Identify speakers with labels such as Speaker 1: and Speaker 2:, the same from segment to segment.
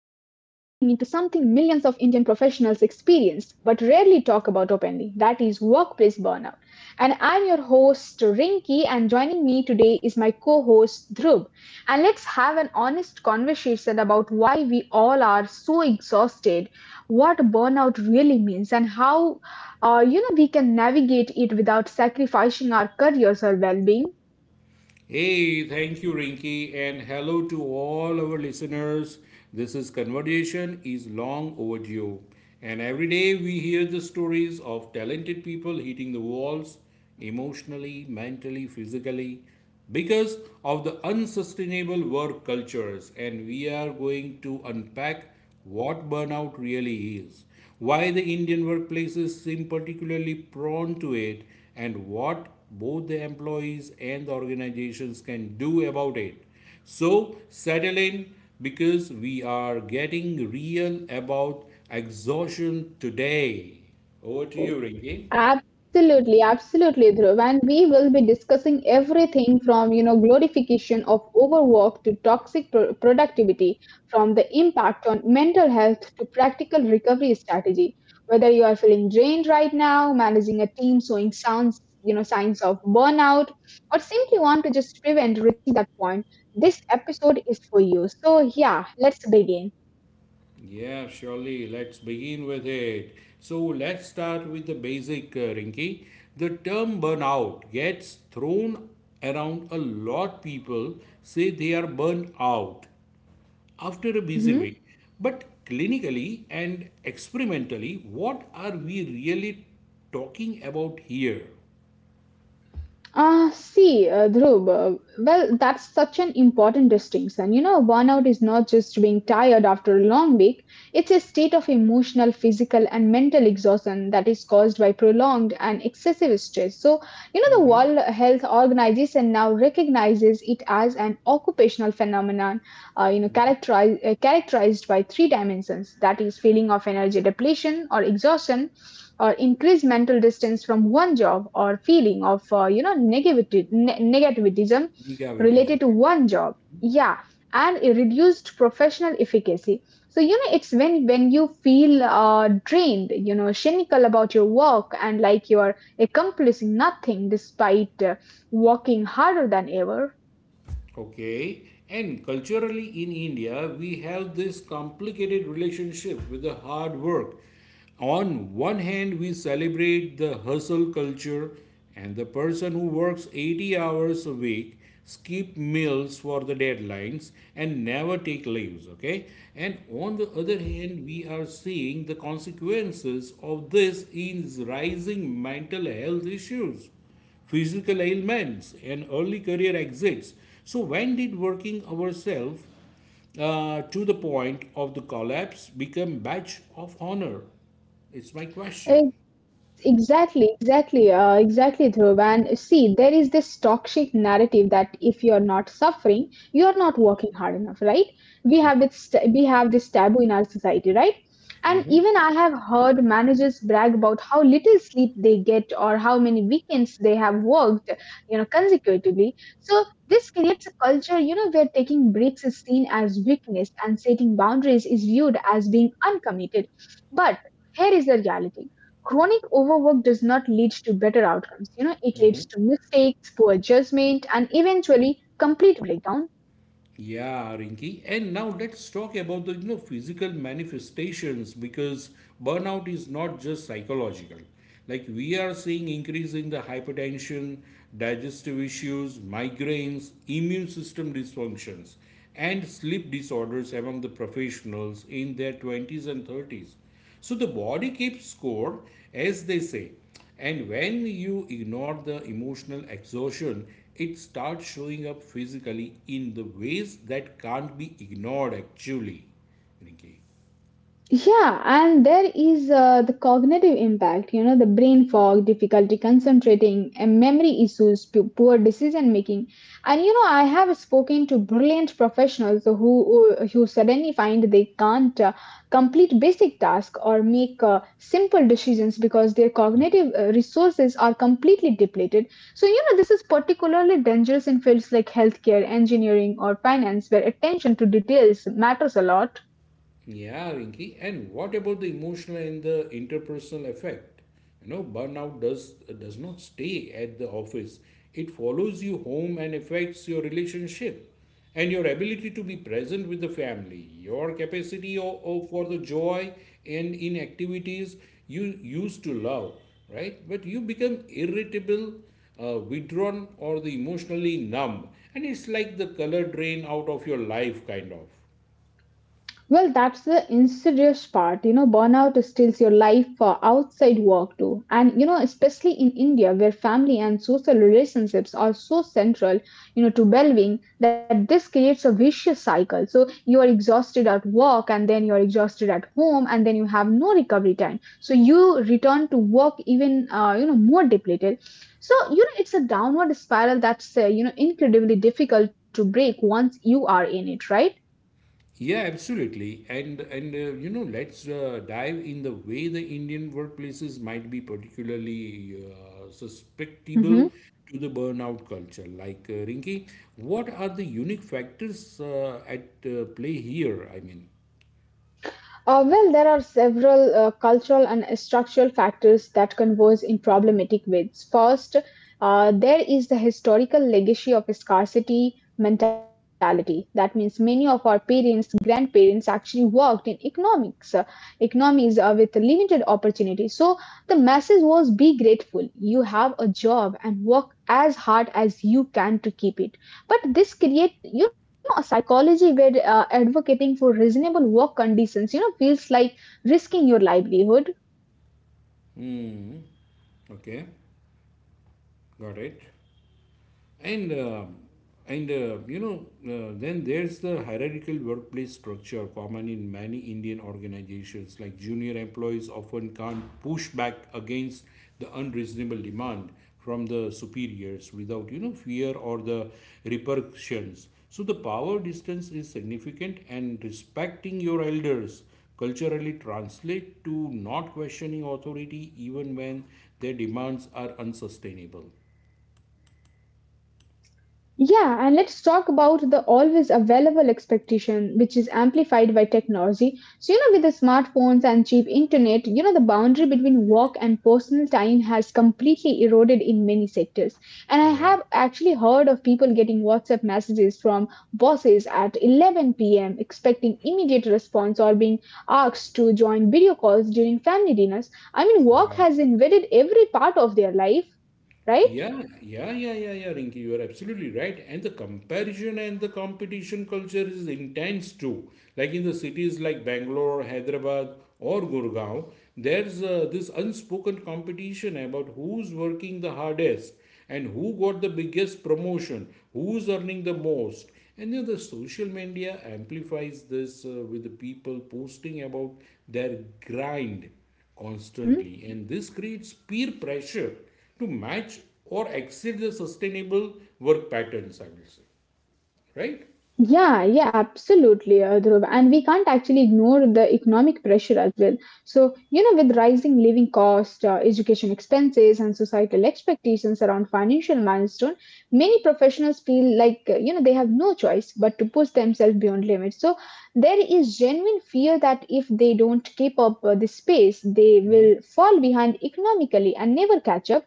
Speaker 1: into something millions of Indian professionals experience but rarely talk about openly, that is workplace burnout. And I'm your host Rinki, and joining me today is my co-host Dhruv. And let's have an honest conversation about why we all are so exhausted, what burnout really means, and how we can navigate it without sacrificing our careers or well-being.
Speaker 2: Hey, thank you, Rinky, and hello to all our listeners. This is Conversation is Long Overdue, and every day we hear the stories of talented people hitting the walls emotionally, mentally, physically because of the unsustainable work cultures, and we are going to unpack what burnout really is, why the Indian workplaces seem particularly prone to it, and what both the employees and the organizations can do about it. So, settle in because we are getting real about exhaustion today. Over to you, Rinki.
Speaker 1: Absolutely, absolutely, Dhruv. And we will be discussing everything from, you know, glorification of overwork to toxic productivity, from the impact on mental health to practical recovery strategy. Whether you are feeling drained right now, managing a team showing sounds, you know, signs of burnout, or simply want to just prevent reaching that point, this episode is for you. So yeah, let's begin.
Speaker 2: Yeah, surely. Let's begin with it. So let's start with the basic, Rinky. The term burnout gets thrown around a lot. People say they are burned out after a busy week. But clinically and experimentally, what are we really talking about here?
Speaker 1: Ah, see, Dhruv, well, that's such an important distinction. You know, burnout is not just being tired after a long week, it's a state of emotional, physical, and mental exhaustion that is caused by prolonged and excessive stress. So, you know, the World Health Organization now recognizes it as an occupational phenomenon, you know, characterized by three dimensions, that is, feeling of energy depletion or exhaustion, or increase mental distance from one job, or feeling of you know, negativity, negativism
Speaker 2: Gigawatt is
Speaker 1: related to
Speaker 2: okay.
Speaker 1: one job, yeah, and a reduced professional efficacy. So you know, it's when you feel drained, you know, cynical about your work and like you are accomplishing nothing despite working harder than ever.
Speaker 2: Okay, and culturally in India, we have this complicated relationship with the hard work. On one hand, we celebrate the hustle culture and the person who works 80 hours a week, skip meals for the deadlines, and never take leaves. Okay, and on the other hand, we are seeing the consequences of this in rising mental health issues, physical ailments, and early career exits. So, when did working ourselves to the point of the collapse become badge of honor? It's my question.
Speaker 1: Exactly, Dhruv. And see, there is this toxic narrative that if you're not suffering, you're not working hard enough, right? We have this taboo in our society, right? And even I have heard managers brag about how little sleep they get or how many weekends they have worked, you know, consecutively. So this creates a culture, you know, where taking breaks is seen as weakness and setting boundaries is viewed as being uncommitted. But here is the reality. Chronic overwork does not lead to better outcomes. You know, it leads to mistakes, poor judgment, and eventually complete breakdown.
Speaker 2: Yeah, Rinki. And now let's talk about the physical manifestations because burnout is not just psychological. Like we are seeing increase in the hypertension, digestive issues, migraines, immune system dysfunctions, and sleep disorders among the professionals in their 20s and 30s. So the body keeps score, as they say. And when you ignore the emotional exhaustion, it starts showing up physically in the ways that can't be ignored actually. Rinki.
Speaker 1: Yeah, and there is the cognitive impact, you know, the brain fog, difficulty concentrating, and memory issues, poor decision making. And you know, I have spoken to brilliant professionals who suddenly find they can't complete basic tasks or make simple decisions because their cognitive resources are completely depleted. So, you know, this is particularly dangerous in fields like healthcare, engineering, or finance, where attention to details matters a lot.
Speaker 2: Yeah, Rinki, and what about the emotional and the interpersonal effect? You know, burnout does not stay at the office. It follows you home and affects your relationship and your ability to be present with the family, your capacity for the joy and in activities you used to love, right? But you become irritable, withdrawn, or the emotionally numb, and it's like the color drain out of your life, kind of.
Speaker 1: Well, that's the insidious part. You know, burnout steals your life for outside work too. And, you know, especially in India, where family and social relationships are so central, you know, to well being, that this creates a vicious cycle. So you are exhausted at work, and then you are exhausted at home, and then you have no recovery time. So you return to work even, you know, more depleted. So, you know, it's a downward spiral that's, you know, incredibly difficult to break once you are in it, right?
Speaker 2: Yeah, absolutely. And You know, let's dive in the way the Indian workplaces might be particularly susceptible
Speaker 1: Hmm.
Speaker 2: to the burnout culture. Like Rinki, what are the unique factors at play here? I mean,
Speaker 1: Well, there are several cultural and structural factors that converge in problematic ways. First, there is the historical legacy of scarcity mentality. That means many of our parents, grandparents actually worked in economies with limited opportunity. So the message was, be grateful. You have a job, and work as hard as you can to keep it. But this create, you know, a psychology where advocating for reasonable work conditions, you know, feels like risking your livelihood.
Speaker 2: hmm, okay, got it. And um then there's the hierarchical workplace structure common in many Indian organizations. Like junior employees often can't push back against the unreasonable demand from the superiors without you know fear or the repercussions. So the power distance is significant, and respecting your elders culturally translate to not questioning authority even when their demands are unsustainable.
Speaker 1: Yeah, and let's talk about the always available expectation, which is amplified by technology. So, you know, with the smartphones and cheap internet, you know, the boundary between work and personal time has completely eroded in many sectors. And I have actually heard of people getting WhatsApp messages from bosses at 11 p.m., expecting immediate response, or being asked to join video calls during family dinners. I mean, work has invaded every part of their life, right?
Speaker 2: Yeah, Rinki, you are absolutely right. And the comparison and the competition culture is intense too. Like in the cities like Bangalore, Hyderabad, or Gurgaon, there's this unspoken competition about who's working the hardest and who got the biggest promotion, who's earning the most. And then the social media amplifies this with the people posting about their grind
Speaker 1: Mm-hmm.
Speaker 2: constantly, and this creates peer pressure to match or exceed the sustainable work patterns, I will say, right?
Speaker 1: Yeah, yeah, absolutely, Dhruv. And we can't actually ignore the economic pressure as well. So, you know, with rising living costs, education expenses, and societal expectations around financial milestone, many professionals feel like, you know, they have no choice but to push themselves beyond limits. So, there is genuine fear that if they don't keep up this pace, they will fall behind economically and never catch up.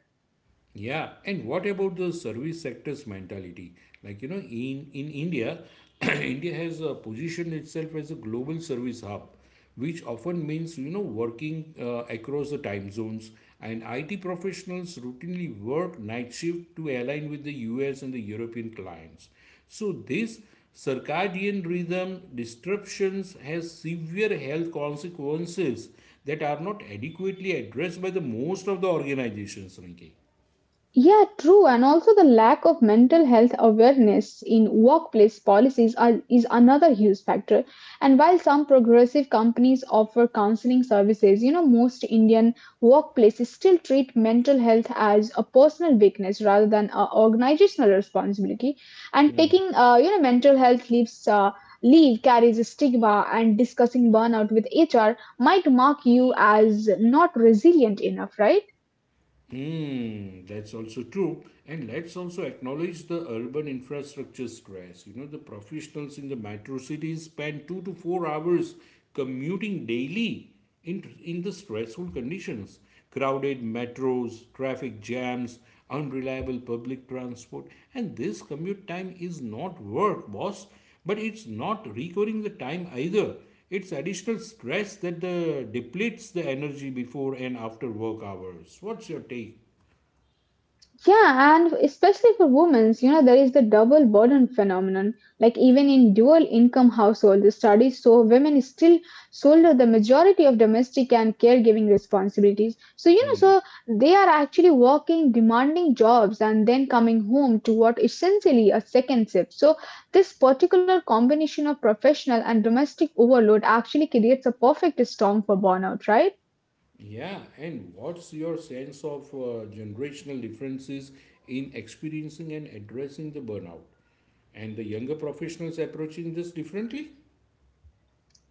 Speaker 2: Yeah, and what about the service sector's mentality? Like, you know, in India, India has positioned itself as a global service hub, which often means, you know, working across the time zones. And IT professionals routinely work night shift to align with the US and the European clients. So, this circadian rhythm disruptions has severe health consequences that are not adequately addressed by the most of the organizations, Rinki.
Speaker 1: Yeah, true. And also the lack of mental health awareness in workplace policies are, is another huge factor. And while some progressive companies offer counseling services, you know, most Indian workplaces still treat mental health as a personal weakness rather than a organizational responsibility. And taking, you know, mental health leave carries a stigma, and discussing burnout with HR might mark you as not resilient enough, right?
Speaker 2: Hmm, that's also true. And let's also acknowledge the urban infrastructure stress. You know, the professionals in the metro cities spend 2 to 4 hours commuting daily in the stressful conditions. Crowded metros, traffic jams, unreliable public transport. And this commute time is not work, boss. But it's not recovering the time either. It's additional stress that the depletes the energy before and after work hours. What's your take?
Speaker 1: Yeah, and especially for women, you know, there is the double burden phenomenon. Like even in dual income households, the studies show women still shoulder the majority of domestic and caregiving responsibilities. So, you know, so they are actually working demanding jobs and then coming home to what essentially a second shift. So this particular combination of professional and domestic overload actually creates a perfect storm for burnout, right?
Speaker 2: Yeah, and what's your sense of generational differences in experiencing and addressing the burnout? And the younger professionals approaching this differently?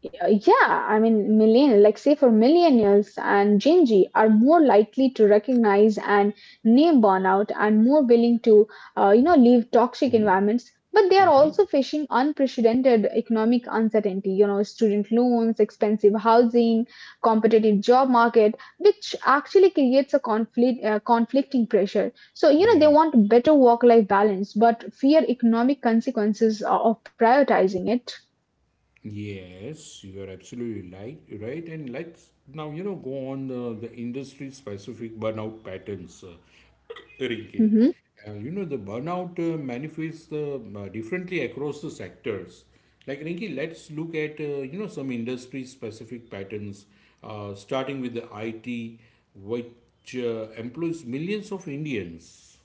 Speaker 1: Yeah, I mean, million, like say for millennials and Gen Z are more likely to recognize and name burnout, and more willing to, you know, leave toxic environments. But they are also facing unprecedented economic uncertainty, you know, student loans, expensive housing, competitive job market, which actually creates a conflicting pressure. So, you know,
Speaker 2: Yeah.
Speaker 1: they want better work-life balance but fear economic consequences of prioritizing it.
Speaker 2: Yes, you are absolutely like, right. And let's now, you know, go on the industry specific burnout patterns, Rinki.
Speaker 1: Mhm.
Speaker 2: You know, the burnout manifests differently across the sectors. Like, Rinki, let's look at, you know, some industry specific patterns, starting with the IT, which employs millions of Indians,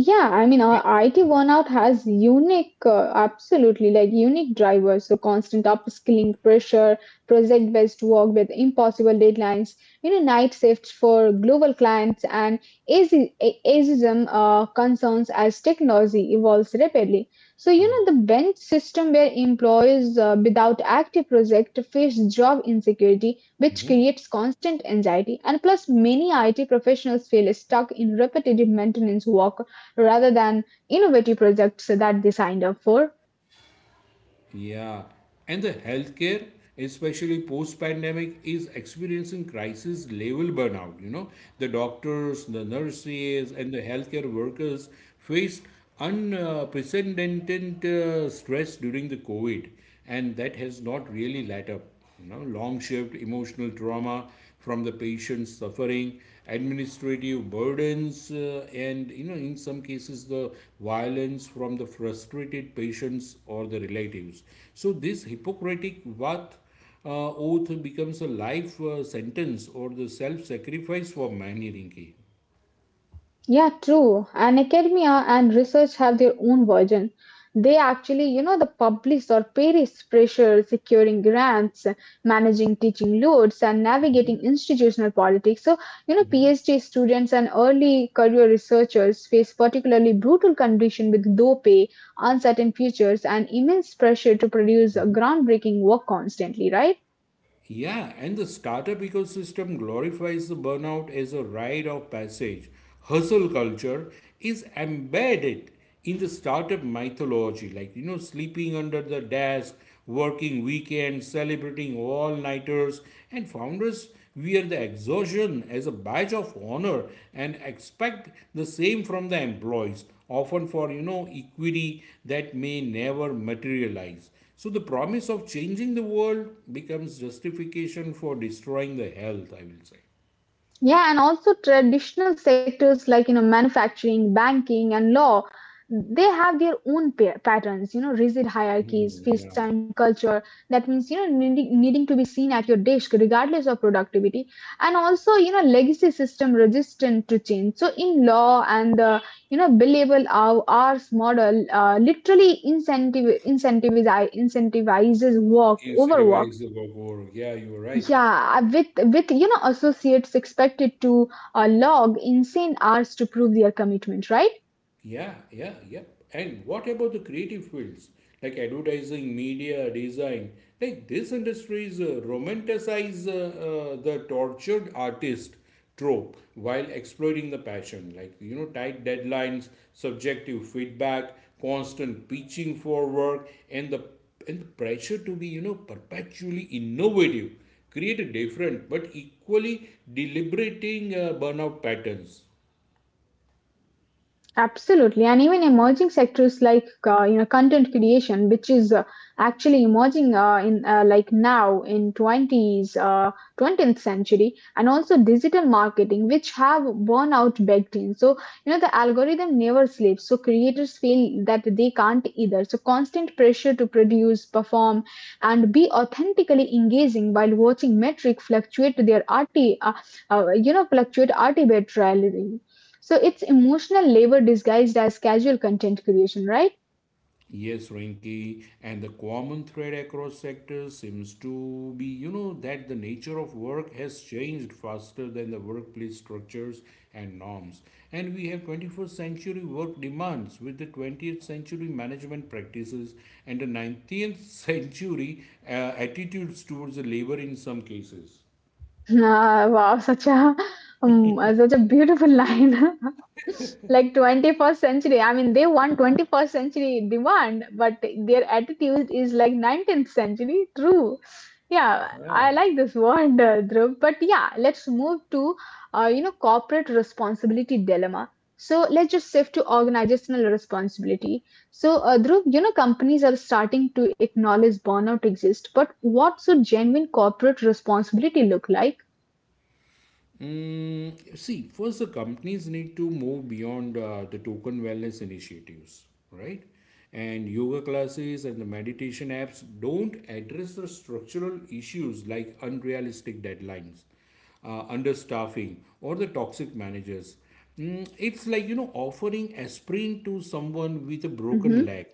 Speaker 1: Yeah, I mean, our
Speaker 2: right?
Speaker 1: IT burnout has unique, absolutely like unique drivers. So constant upskilling pressure, project-based work with impossible deadlines, you know, night shifts for global clients, and ageism concerns as technology evolves rapidly. So you know, the bench system where employees without active project face job insecurity, which creates constant anxiety, and plus many IT professionals feel stuck in repetitive maintenance work rather than innovative projects that they signed up for.
Speaker 2: Yeah, and the healthcare, especially post-pandemic, is experiencing crisis level burnout. You know, the doctors, the nurses, and the healthcare workers faced unprecedented stress during the COVID, and that has not really let up. You know, long shift, emotional trauma from the patient's suffering, administrative burdens, and you know, in some cases, the violence from the frustrated patients or the relatives. So this Hippocratic Vat oath becomes a life sentence or the self-sacrifice for many, Rinki.
Speaker 1: Yeah, true. And academia and research have their own version. They actually, you know, the public or Paris pressure securing grants, managing teaching loads, and navigating institutional politics. So, you know, PhD students and early career researchers face particularly brutal conditions with low pay, uncertain futures, and immense pressure to produce a groundbreaking work constantly, right?
Speaker 2: Yeah, and the startup ecosystem glorifies the burnout as a rite of passage. Hustle culture is embedded in the startup mythology, like, you know, sleeping under the desk, working weekends, celebrating all nighters, and founders wear the exhaustion as a badge of honor and expect the same from the employees, often for you know equity that may never materialize. So the promise of changing the world becomes justification for destroying the health, I will say.
Speaker 1: Yeah, and also traditional sectors like, you know, manufacturing, banking, and law, they have their own patterns. You know, rigid hierarchies,
Speaker 2: Mhm.
Speaker 1: feast
Speaker 2: Yeah.
Speaker 1: time culture. That means, you know, needing to be seen at your desk regardless of productivity, and also you know legacy system resistant to change. So in law and the, you know, billable hours model, literally incentive incentivize incentivizes work overwork,
Speaker 2: Incentivize the work. Yeah, you are right.
Speaker 1: yeah, with you know associates expected to log insane hours to prove their commitment, right?
Speaker 2: Yeah. And what about the creative fields like advertising, media, design? Like these industries romanticize the tortured artist trope while exploiting the passion, like you know, tight deadlines, subjective feedback, constant pitching for work, and the pressure to be you know perpetually innovative create a different but equally deliberating burnout patterns.
Speaker 1: Absolutely, and even emerging sectors like, you know, content creation, which is actually emerging in like now in twenties 20th century, and also digital marketing, which have worn out baked in. So you know the algorithm never sleeps, so creators feel that they can't either. So constant pressure to produce, perform, and be authentically engaging while watching metric fluctuate their arti you know fluctuate arbitrarily. So it's emotional labor disguised as casual content creation, right?
Speaker 2: Yes, Rinky, and the common thread across sectors seems to be, you know, that the nature of work has changed faster than the workplace structures and norms. And we have 21st century work demands with the 20th century management practices and the 19th century attitudes towards the labor in some cases.
Speaker 1: Ah, wow, such a such a beautiful line. Like 21st century, I mean, they want 21st century demand but their attitude is like 19th century, true. Yeah, I
Speaker 2: Yeah.
Speaker 1: like this word, Dhruv. But yeah, let's move to you know, corporate responsibility dilemma. So let's just shift to organizational responsibility. So Dhruv, you know, companies are starting to acknowledge burnout exists, but what should genuine corporate responsibility look like?
Speaker 2: Mm, see, first, the companies need to move beyond the token wellness initiatives, right? And yoga classes and the meditation apps don't address the structural issues like unrealistic deadlines, understaffing, or the toxic managers. Mm, it's like, you know, offering aspirin to someone with a broken
Speaker 1: Mm-hmm.
Speaker 2: leg.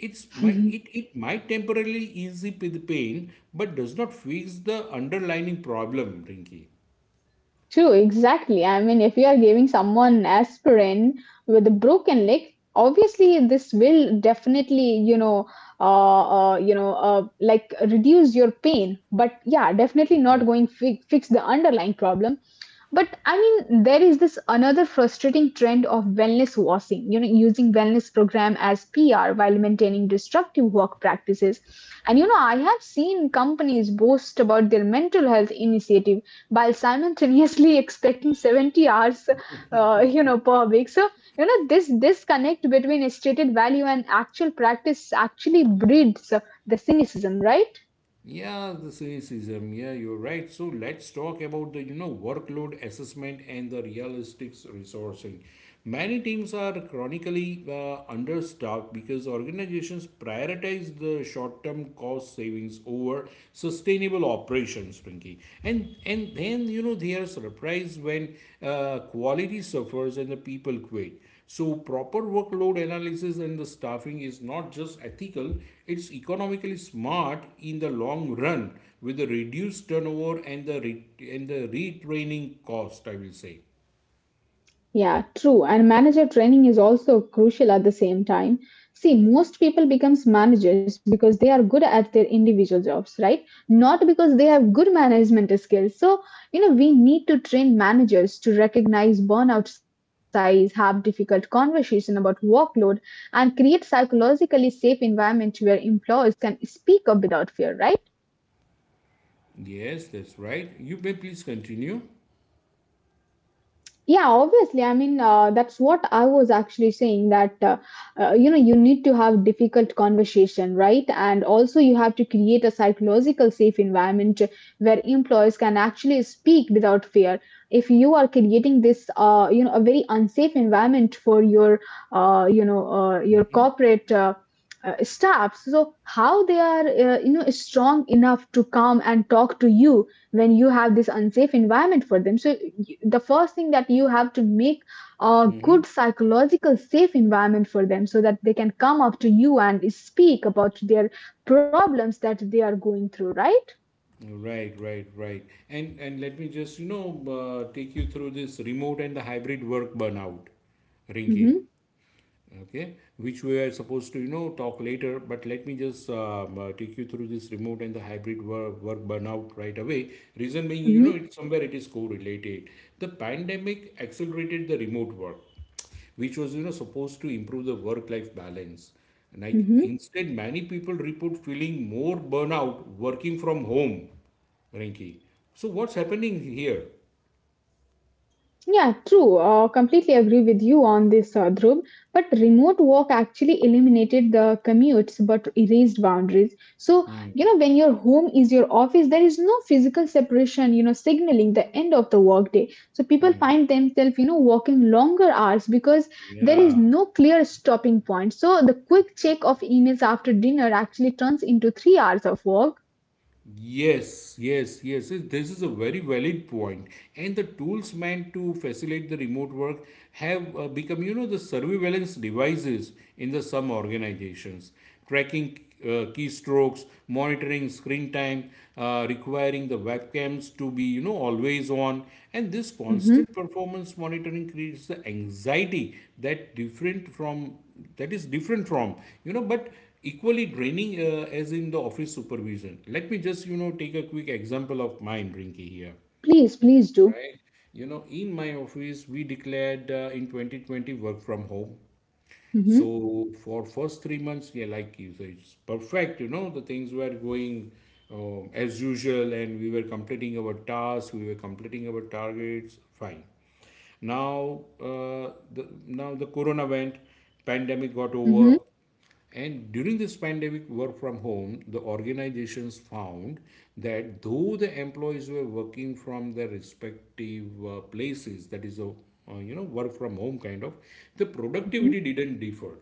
Speaker 2: It's might it, it might temporarily ease the pain, but does not fix the underlying problem, Rinky.
Speaker 1: True, exactly. I mean, if you are giving someone aspirin with a broken leg, obviously this will definitely, you know, like reduce your pain. But yeah, definitely not going fix the underlying problem. But I mean, there is this another frustrating trend of wellness washing, you know, using wellness program as PR while maintaining destructive work practices. And you know, I have seen companies boast about their mental health initiative while simultaneously expecting 70 hours, you know, per week. So, you know, this disconnect between stated value and actual practice actually breeds the cynicism, right?
Speaker 2: Yeah, the cynicism. Yeah, you're right. So let's talk about the you know workload assessment and the realistic resourcing. Many teams are chronically understaffed because organizations prioritize the short-term cost savings over sustainable operations, Frankie. And then you know they are surprised when quality suffers and the people quit. So, proper workload analysis and the staffing is not just ethical, it's economically smart in the long run with the reduced turnover and the retraining cost, I will say.
Speaker 1: Yeah, true. And manager training is also crucial at the same time. See, most people becomes managers because they are good at their individual jobs, right? Not because they have good management skills. So, you know, we need to train managers to recognize burnout size, have difficult conversation about workload, and create psychologically safe environment where employees can speak up without fear, right?
Speaker 2: Yes, that's right. You may please continue.
Speaker 1: Yeah, obviously, that's what I was actually saying, that you know, you need to have difficult conversation, right? And also you have to create a psychological safe environment where employees can actually speak without fear. If you are creating this you know, a very unsafe environment for your your corporate staffs, so how they are you know, strong enough to come and talk to you when you have this unsafe environment for them? So the first thing that you have to make a good psychological safe environment for them, so that they can come up to you and speak about their problems that they are going through, right?
Speaker 2: Right. And let me just, you know, take you through this remote and the hybrid work burnout, Rinki.
Speaker 1: Mm-hmm,
Speaker 2: Okay, which we are supposed to you know talk later, but let me just take you through this remote and the hybrid work burnout right away, reason being you know
Speaker 1: mm-hmm,
Speaker 2: it somewhere it is correlated. The pandemic accelerated the remote work, which was you know supposed to improve the work life balance, and like
Speaker 1: mm-hmm.
Speaker 2: instead many people report feeling more burnout working from home, Rinki. So what's happening here?
Speaker 1: Yeah, true. Completely agree with you on this, Dhruv. But remote work actually eliminated the commutes but erased boundaries. So, you know, when your home is your office, there is no physical separation, you know, signaling the end of the workday. So people find themselves, you know, working longer hours because there is
Speaker 2: Yeah.
Speaker 1: no clear stopping point. So the quick check of emails after dinner actually turns into 3 hours of work.
Speaker 2: Yes. This is a very valid point. And the tools meant to facilitate the remote work have become, you know, the surveillance devices in the some organizations, tracking keystrokes, monitoring screen time, requiring the webcams to be, you know, always on. And this
Speaker 1: Hmm.
Speaker 2: constant performance monitoring creates the anxiety that different from that is different from, you know, but equally draining as in the office supervision. Let me just you know take a quick example of mine, Rinky, here,
Speaker 1: Please, please do.
Speaker 2: right? You know, in my office we declared in 2020 work from home.
Speaker 1: Hmm.
Speaker 2: So for first 3 months, yeah, like you say it's perfect, you know, the things were going as usual and we were completing our tasks, we were completing our targets, fine. Now uh, the now the corona went, pandemic got
Speaker 1: Hmm.
Speaker 2: over. And during this pandemic work from home, the organizations found that though the employees were working from their respective places, that is a you know work from home kind of, the
Speaker 1: Hmm.
Speaker 2: productivity didn't differ.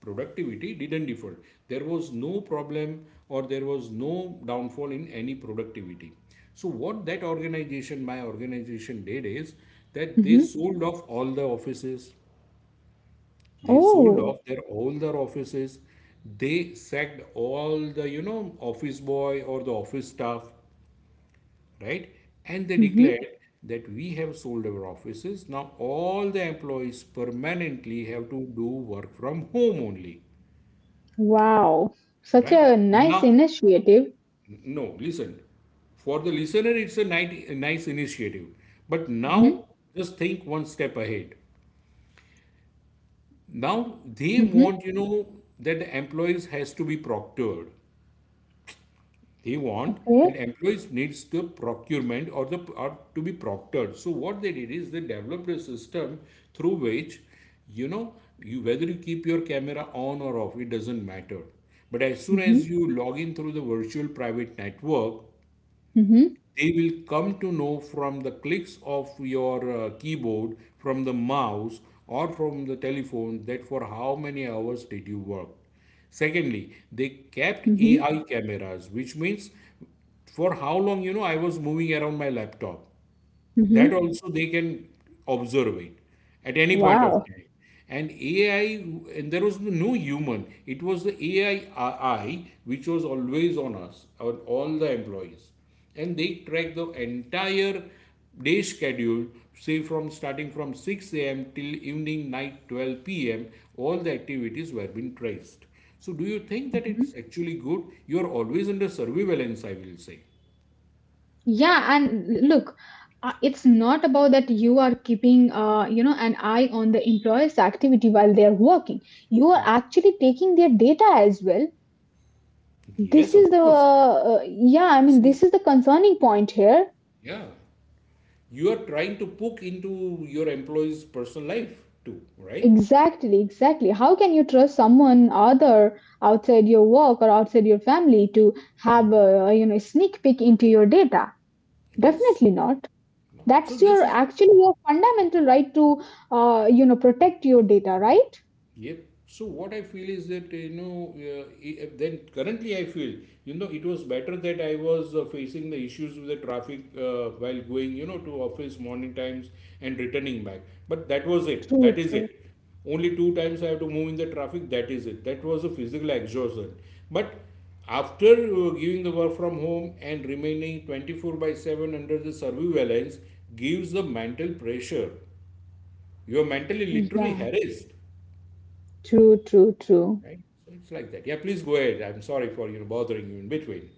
Speaker 2: Productivity didn't differ. There was no problem or there was no downfall in any productivity. So what that organization, my organization did is that they
Speaker 1: Hmm.
Speaker 2: sold off all the offices. they sold
Speaker 1: Oh.
Speaker 2: off their all their offices. They sacked all the, you know, office boy or the office staff, right? And they
Speaker 1: Mhm.
Speaker 2: declared that we have sold our offices. Now all the employees permanently have to do work from home only,
Speaker 1: Wow, such
Speaker 2: right?
Speaker 1: a nice
Speaker 2: Now,
Speaker 1: initiative.
Speaker 2: no, listen. For the listener, it's a nice, nice initiative. But
Speaker 1: Mhm,
Speaker 2: now, just think one step ahead. Now they
Speaker 1: mhm.
Speaker 2: want, you know, that the employees has to be proctored. They want
Speaker 1: Okay.
Speaker 2: that employees needs the procurement or the or to be proctored. So what they did is they developed a system through which, you know, you whether you keep your camera on or off, it doesn't matter, but as soon
Speaker 1: Mhm,
Speaker 2: as you log in through the virtual private network,
Speaker 1: mhm,
Speaker 2: they will come to know from the clicks of your keyboard, from the mouse, or from the telephone that for how many hours did you work. Secondly, they kept
Speaker 1: mhm,
Speaker 2: AI cameras, which means for how long, you know, I was moving around my laptop.
Speaker 1: mhm.
Speaker 2: That also they can observe it at any point of
Speaker 1: Wow.
Speaker 2: time. And AI, and there was no human. It was the AI which was always on us, on all the employees. And they track the entire day schedule, say from starting from 6 a.m. till evening night 12 p.m. All the activities were being traced. So do you think that it's
Speaker 1: Mhm.
Speaker 2: actually good? You are always under surveillance, I will say.
Speaker 1: Yeah, and look, it's not about that you are keeping, you know, an eye on the employer's activity while they are working. You are actually taking their data as well.
Speaker 2: Yes,
Speaker 1: This is
Speaker 2: of
Speaker 1: the,
Speaker 2: course.
Speaker 1: yeah, I mean, this
Speaker 2: See,
Speaker 1: is the concerning point here.
Speaker 2: yeah, you are trying to poke into your employee's personal life too, right?
Speaker 1: Exactly, exactly. How can you trust someone other outside your work or outside your family to have, a you know, a sneak peek into your data?
Speaker 2: Yes.
Speaker 1: Definitely not.
Speaker 2: No. So
Speaker 1: That's your
Speaker 2: this is.
Speaker 1: actually your fundamental right to, you know, protect your data, right?
Speaker 2: Yep. So what I feel is that, you know, then currently I feel, you know, it was better that I was facing the issues with the traffic while going, you know, to office morning times and returning back. But that was it.
Speaker 1: True,
Speaker 2: That is
Speaker 1: true.
Speaker 2: it. Only two times I have to move in the traffic. That is it. That was a physical exhaustion. But after giving the work from home and remaining 24 by 7 under the surveillance gives the mental pressure. You are mentally literally
Speaker 1: Yeah,
Speaker 2: harassed,
Speaker 1: true, true, true.
Speaker 2: right? So it's like that. Yeah, please go ahead. I'm sorry for, you know, bothering you in between.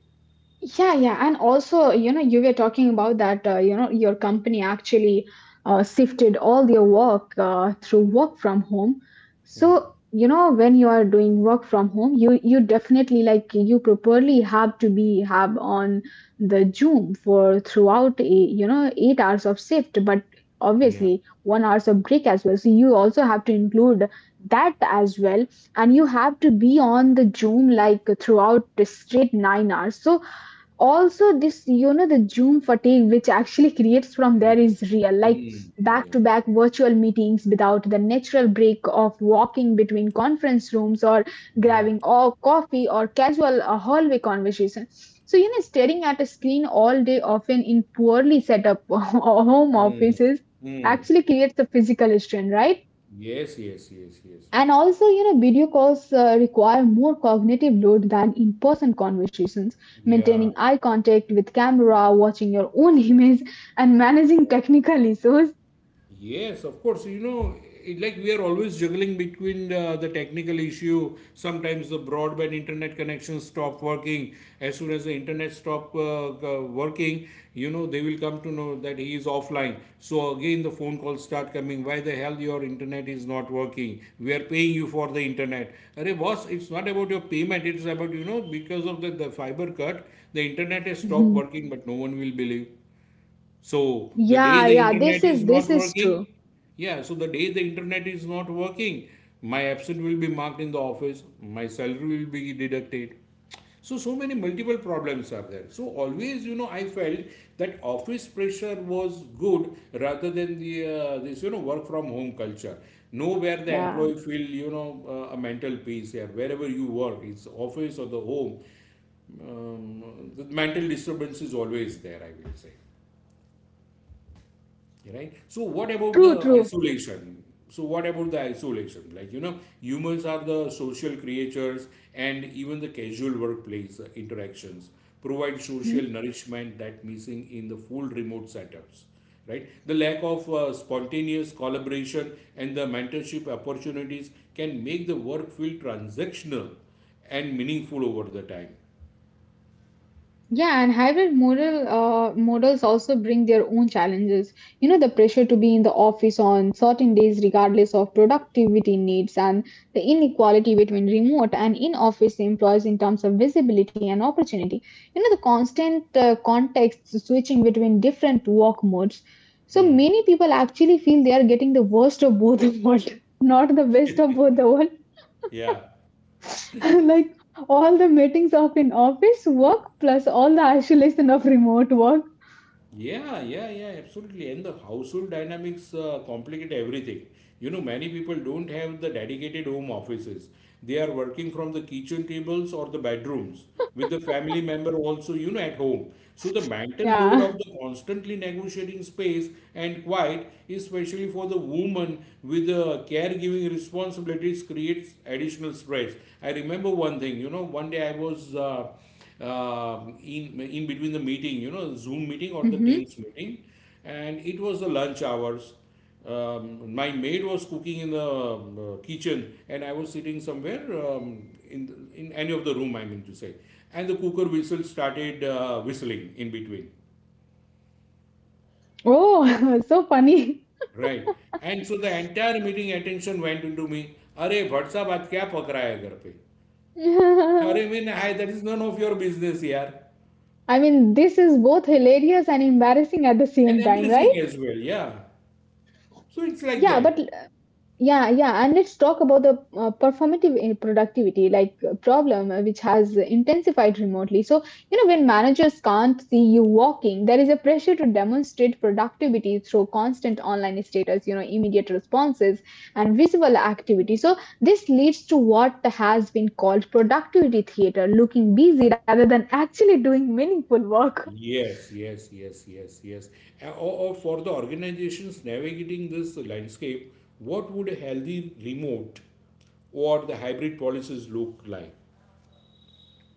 Speaker 1: Yeah, yeah, and also, you know, you were talking about that, you know, your company actually shifted all their work through work from home. So, you know, when you are doing work from home, you definitely, like, you properly have to be have on the Zoom for throughout a, you know, 8 hours of shift, but
Speaker 2: Yeah,
Speaker 1: obviously 1 hours of break as well. So you also have to include that as well, and you have to be on the Zoom like throughout the straight 9 hours. So also this, you know, the zoom fatigue which actually creates from there
Speaker 2: real.
Speaker 1: is real, like
Speaker 2: Mm, real.
Speaker 1: back to back virtual meetings without the natural break of walking between conference rooms or
Speaker 2: Yeah.
Speaker 1: grabbing or coffee or casual hallway conversation. So you know, staring at a screen all day, often in poorly set up home
Speaker 2: Mm,
Speaker 1: offices,
Speaker 2: mm.
Speaker 1: actually creates a physical strain, right?
Speaker 2: Yes, yes, yes, yes.
Speaker 1: And also, you know, video calls require more cognitive load than in person conversations.
Speaker 2: Yeah.
Speaker 1: Maintaining eye contact with camera, watching your own image, and managing technical issues.
Speaker 2: Yes, of course. You know, it, like we are always juggling between the technical issue. Sometimes the broadband internet connections stop working. As soon as the internet stop working, you know they will come to know that he is offline. So again, the phone calls start coming. Why the hell your internet is not working? We are paying you for the internet. Arey boss, it's not about your payment. It's about, you know, because of the fiber cut, the internet has stopped
Speaker 1: Mhm.
Speaker 2: working, but no one will believe. So the day
Speaker 1: Yeah,
Speaker 2: the
Speaker 1: yeah,
Speaker 2: internet
Speaker 1: this
Speaker 2: is
Speaker 1: is,
Speaker 2: not
Speaker 1: this is
Speaker 2: working,
Speaker 1: true.
Speaker 2: yeah, so the day the internet is not working, my absence will be marked in the office, my salary will be deducted. So, so many multiple problems are there. So, always, you know, I felt that office pressure was good rather than the this, you know, work from home culture. Nowhere the
Speaker 1: Yeah,
Speaker 2: employee feel, you know, a mental peace here. Wherever you work, it's office or the home, the mental disturbance is always there, I will say. Okay, right, so what about the
Speaker 1: true, true.
Speaker 2: isolation, so what about the isolation, like, you know, humans are the social creatures and even the casual workplace interactions provide social nourishment that missing in the full remote setups, right? The lack of spontaneous collaboration and the mentorship opportunities can make the work feel transactional and meaningful over the time.
Speaker 1: Yeah, and hybrid models also bring their own challenges. You know, the pressure to be in the office on certain days, regardless of productivity needs, and the inequality between remote and in-office employees in terms of visibility and opportunity. You know, the constant context switching between different work modes. So many people actually feel they are getting the worst of both worlds, not the best of both the world.
Speaker 2: Yeah.
Speaker 1: Like all the meetings of in office work plus all the isolation of remote work.
Speaker 2: Yeah, yeah, yeah, absolutely. And the household dynamics complicate everything. You know, many people don't have the dedicated home offices. They are working from the kitchen tables or the bedrooms with the family member also, you know, at home. So the mental load
Speaker 1: Yeah.
Speaker 2: of the constantly negotiating space and quiet, especially for the woman with the caregiving responsibilities, creates additional stress. I remember one thing, you know, one day I was. In between the meeting, you know, Zoom meeting or the
Speaker 1: Hmm.
Speaker 2: Teams meeting, and it was the lunch hours. My maid was cooking in the kitchen, and I was sitting somewhere in in any of the room. I mean to say, and the cooker whistle started whistling in between,
Speaker 1: Oh, so funny.
Speaker 2: right? And so the entire meeting attention went into me. अरे भट साहब आज क्या पक रहा है घर पे
Speaker 1: I
Speaker 2: अरे mean I that is none of your business यार
Speaker 1: mean, this is both hilarious and embarrassing at the
Speaker 2: end
Speaker 1: same time,
Speaker 2: embracing
Speaker 1: right?
Speaker 2: As well yeah so it's like
Speaker 1: Yeah, but
Speaker 2: that.
Speaker 1: yeah, yeah, and let's talk about the productivity, like problem which has intensified remotely. So, you know, when managers can't see you walking, there is a pressure to demonstrate productivity through constant online status, you know, immediate responses and visible activity. So, this leads to what has been called productivity theater, looking busy rather than actually doing meaningful work.
Speaker 2: Yes, yes, yes, yes, yes. Or for the organizations navigating this landscape, what would a healthy remote or the hybrid policies look like?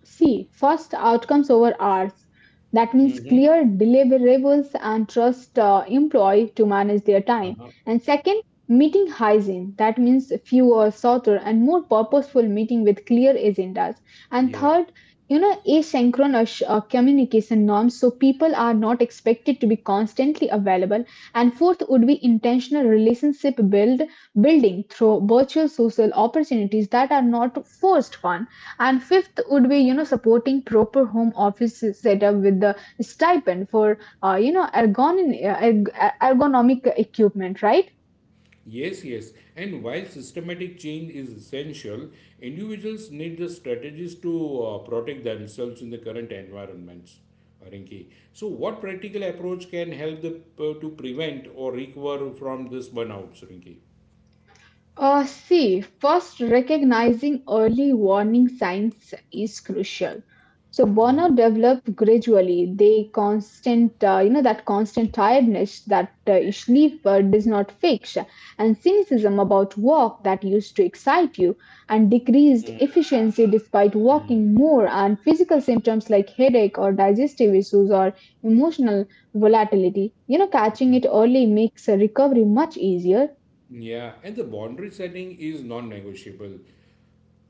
Speaker 1: See, first, outcomes over hours. That means
Speaker 2: Mm-hmm.
Speaker 1: clear deliverables and trust employee to manage their time.
Speaker 2: Uh-huh.
Speaker 1: And second, meeting hygiene. That means fewer, shorter, and more purposeful meeting with clear agendas. And
Speaker 2: Yeah.
Speaker 1: third, you know, asynchronous communication norms. So people are not expected to be constantly available. And fourth would be intentional relationship build building through virtual social opportunities that are not forced ones, and fifth would be, you know, supporting proper home office setup with the stipend for, you know, erg- ergonomic equipment, right?
Speaker 2: Yes, yes. And while systematic change is essential, individuals need the strategies to protect themselves in the current environments. Rinki. So, what practical approach can help the, to prevent or recover from this burnouts, Rinki?
Speaker 1: Uh, see, first, recognizing early warning signs is crucial. Burnout develop gradually. They constant, you know, that constant tiredness that sleep does not fix, and cynicism about work that used to excite you, and decreased efficiency despite working more, and physical symptoms like headache or digestive issues or emotional volatility. You know, catching it early makes a recovery much easier.
Speaker 2: Yeah, and the boundary setting is non negotiable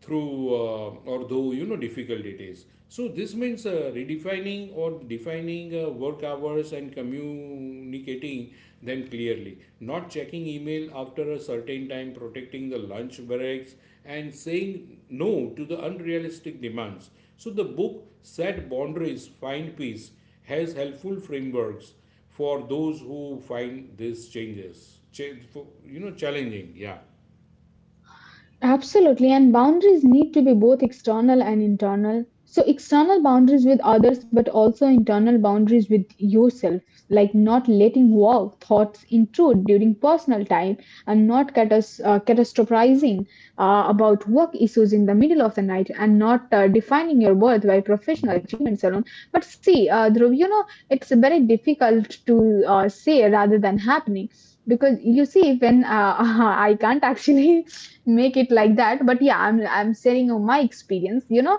Speaker 2: through or though, you know, difficult it is. So this means redefining or defining work hours and communicating them clearly, not checking email after a certain time, protecting the lunch breaks, and saying no to the unrealistic demands. So the book Set Boundaries, Find Peace has helpful frameworks for those who find these changes you know challenging. Yeah.
Speaker 1: Absolutely, and boundaries need to be both external and internal. So, external boundaries with others, but also internal boundaries with yourself, like not letting work thoughts intrude during personal time, and not catastrophizing about work issues in the middle of the night, and not defining your worth by professional achievements alone. But see, Dhruv, you know, it's very difficult to say rather than happening, because you see, when I can't actually make it like that, but yeah, I'm sharing my experience, you know.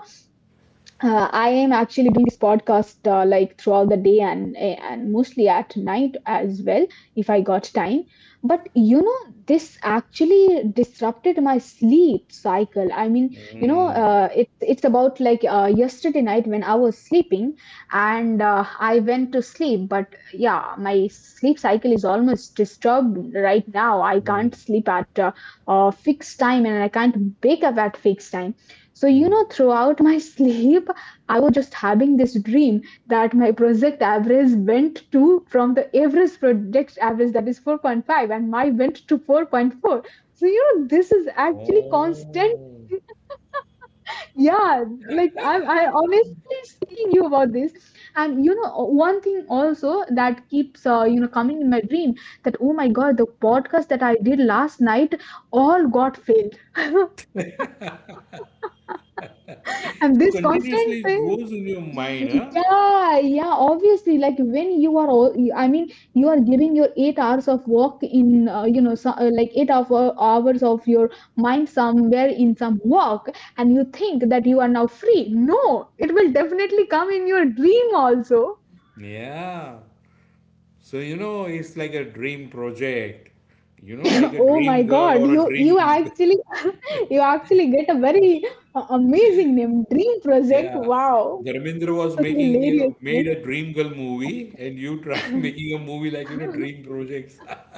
Speaker 1: Uh, I am actually doing this podcast, like throughout the day and mostly at night as well, if I got time. But you know, this actually disrupted my sleep cycle. I mean, you know,
Speaker 2: Mm-hmm.
Speaker 1: it's about like, yesterday night when I was sleeping and I went to sleep. But yeah, my sleep cycle is almost disturbed right now. I can't
Speaker 2: Mm-hmm.
Speaker 1: sleep at a fixed time, and I can't wake up at fixed time. So, you
Speaker 2: Mm.
Speaker 1: know, throughout my sleep, I was just having this dream that my project average went to, from the average project average that is 4.5, and my went to 4.4. So, you know, this is actually constant.
Speaker 2: Oh.
Speaker 1: Yeah, like I'm, I honestly speaking you about this. And, you know, one thing also that keeps, you know, coming in my dream, that, oh my God, the podcast that I did last night all got failed. And
Speaker 2: So
Speaker 1: this
Speaker 2: continuously
Speaker 1: constant
Speaker 2: it
Speaker 1: thing.
Speaker 2: goes in your mind, huh?
Speaker 1: Yeah, yeah, obviously, like when you are all, I mean, you are giving your 8 hours of work in, you know, so, like eight of hours of your mind somewhere in some work, and you think that you are now free. No, it will definitely come in your dream also.
Speaker 2: Yeah. So, you know, it's like a dream project. You know, like a
Speaker 1: Oh my
Speaker 2: dream girl
Speaker 1: God,
Speaker 2: or a
Speaker 1: you
Speaker 2: dream.
Speaker 1: actually you actually get a very amazing name, Dream Project.
Speaker 2: Yeah.
Speaker 1: Wow,
Speaker 2: Dharmendra was making
Speaker 1: hilarious
Speaker 2: made a
Speaker 1: name.
Speaker 2: dream girl movie, and you try making a movie like, you know, dream projects.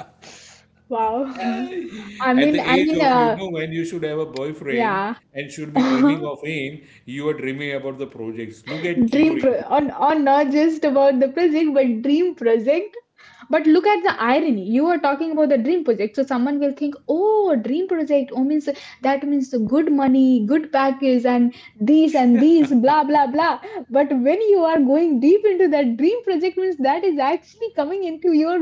Speaker 1: Wow. I
Speaker 2: At
Speaker 1: mean,
Speaker 2: the
Speaker 1: I
Speaker 2: age
Speaker 1: mean,
Speaker 2: of, you
Speaker 1: uh,
Speaker 2: know, when you should have a boyfriend
Speaker 1: yeah.
Speaker 2: and should be dreaming of him, you are dreaming about the projects. Look at you,
Speaker 1: On not just about the project, but dream project. But look at the irony. You are talking about the dream project, so someone will think, oh, dream project, oh, means that means good money, good package, and these and these, blah blah blah. But when you are going deep into that, dream project means that is actually coming into your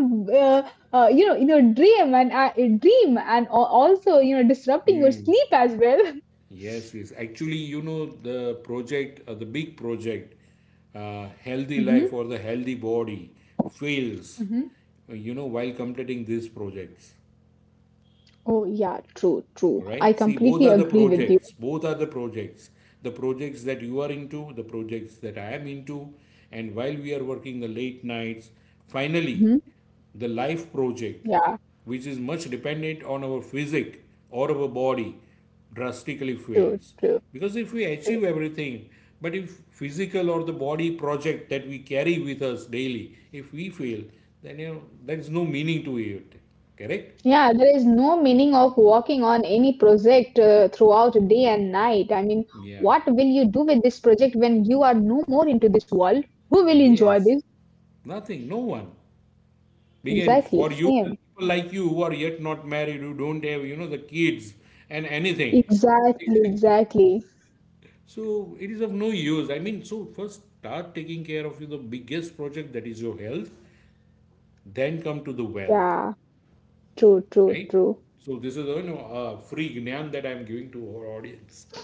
Speaker 1: uh, you know, in your dream, and also, you know, disrupting your
Speaker 2: Rinki.
Speaker 1: sleep as well.
Speaker 2: Yes, yes. Actually, you know, the project, the big project, Healthy
Speaker 1: Hmm.
Speaker 2: Life or the Healthy Body fails, you know, while completing these projects,
Speaker 1: Oh, yeah, true, true. I
Speaker 2: right? See, both
Speaker 1: completely
Speaker 2: are the
Speaker 1: agree with you.
Speaker 2: projects. Both are the projects. The projects that you are into, the projects that I am into. And while we are working the late nights, finally,
Speaker 1: Hmm.
Speaker 2: the life project,
Speaker 1: Yeah,
Speaker 2: which is much dependent on our physic or our body, drastically
Speaker 1: true,
Speaker 2: fails.
Speaker 1: true,
Speaker 2: Because if we
Speaker 1: true.
Speaker 2: achieve everything, but if physical or the body project that we carry with us daily, if we fail, then, you know, there is no meaning to it. Correct?
Speaker 1: Yeah, there is no meaning of working on any project throughout day and night. I mean,
Speaker 2: Yeah.
Speaker 1: what will you do with this project when you are no more into this world? Who will enjoy
Speaker 2: Yes,
Speaker 1: this?
Speaker 2: nothing, no one. Again,
Speaker 1: Exactly,
Speaker 2: for you, the
Speaker 1: same.
Speaker 2: people like you who are yet not married, who don't have, you know, the kids and anything.
Speaker 1: Exactly, exactly.
Speaker 2: So it is of no use. I mean, so first start taking care of you, the biggest project that is your health, then come to the wealth,
Speaker 1: Yeah, true, true,
Speaker 2: right?
Speaker 1: true.
Speaker 2: So this is, you know, a free gnan that I'm giving to our audience.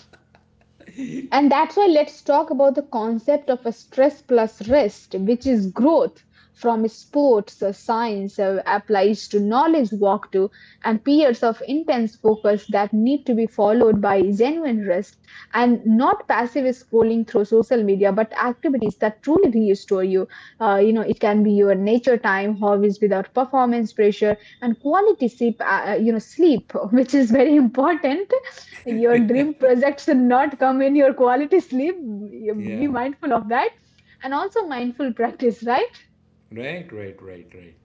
Speaker 1: And that's why let's talk about the concept of a stress plus rest, which is growth from sports, science, applies to knowledge walk to, and periods of intense focus that need to be followed by genuine rest and not passive scrolling through social media, but activities that truly restore you. You know, it can be your nature time, hobbies without performance pressure, and quality sleep. You know, sleep, which is very important. Your dream projects should not come in your quality sleep. You-
Speaker 2: Yeah.
Speaker 1: be mindful of that. And also mindful practice, right?
Speaker 2: Right, right, right, right.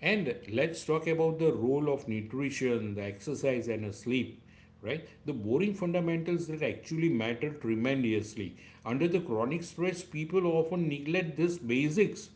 Speaker 2: And let's talk about the role of nutrition, the exercise, and the sleep. Right, the boring fundamentals that actually matter tremendously. Under the chronic stress, people often neglect these basics,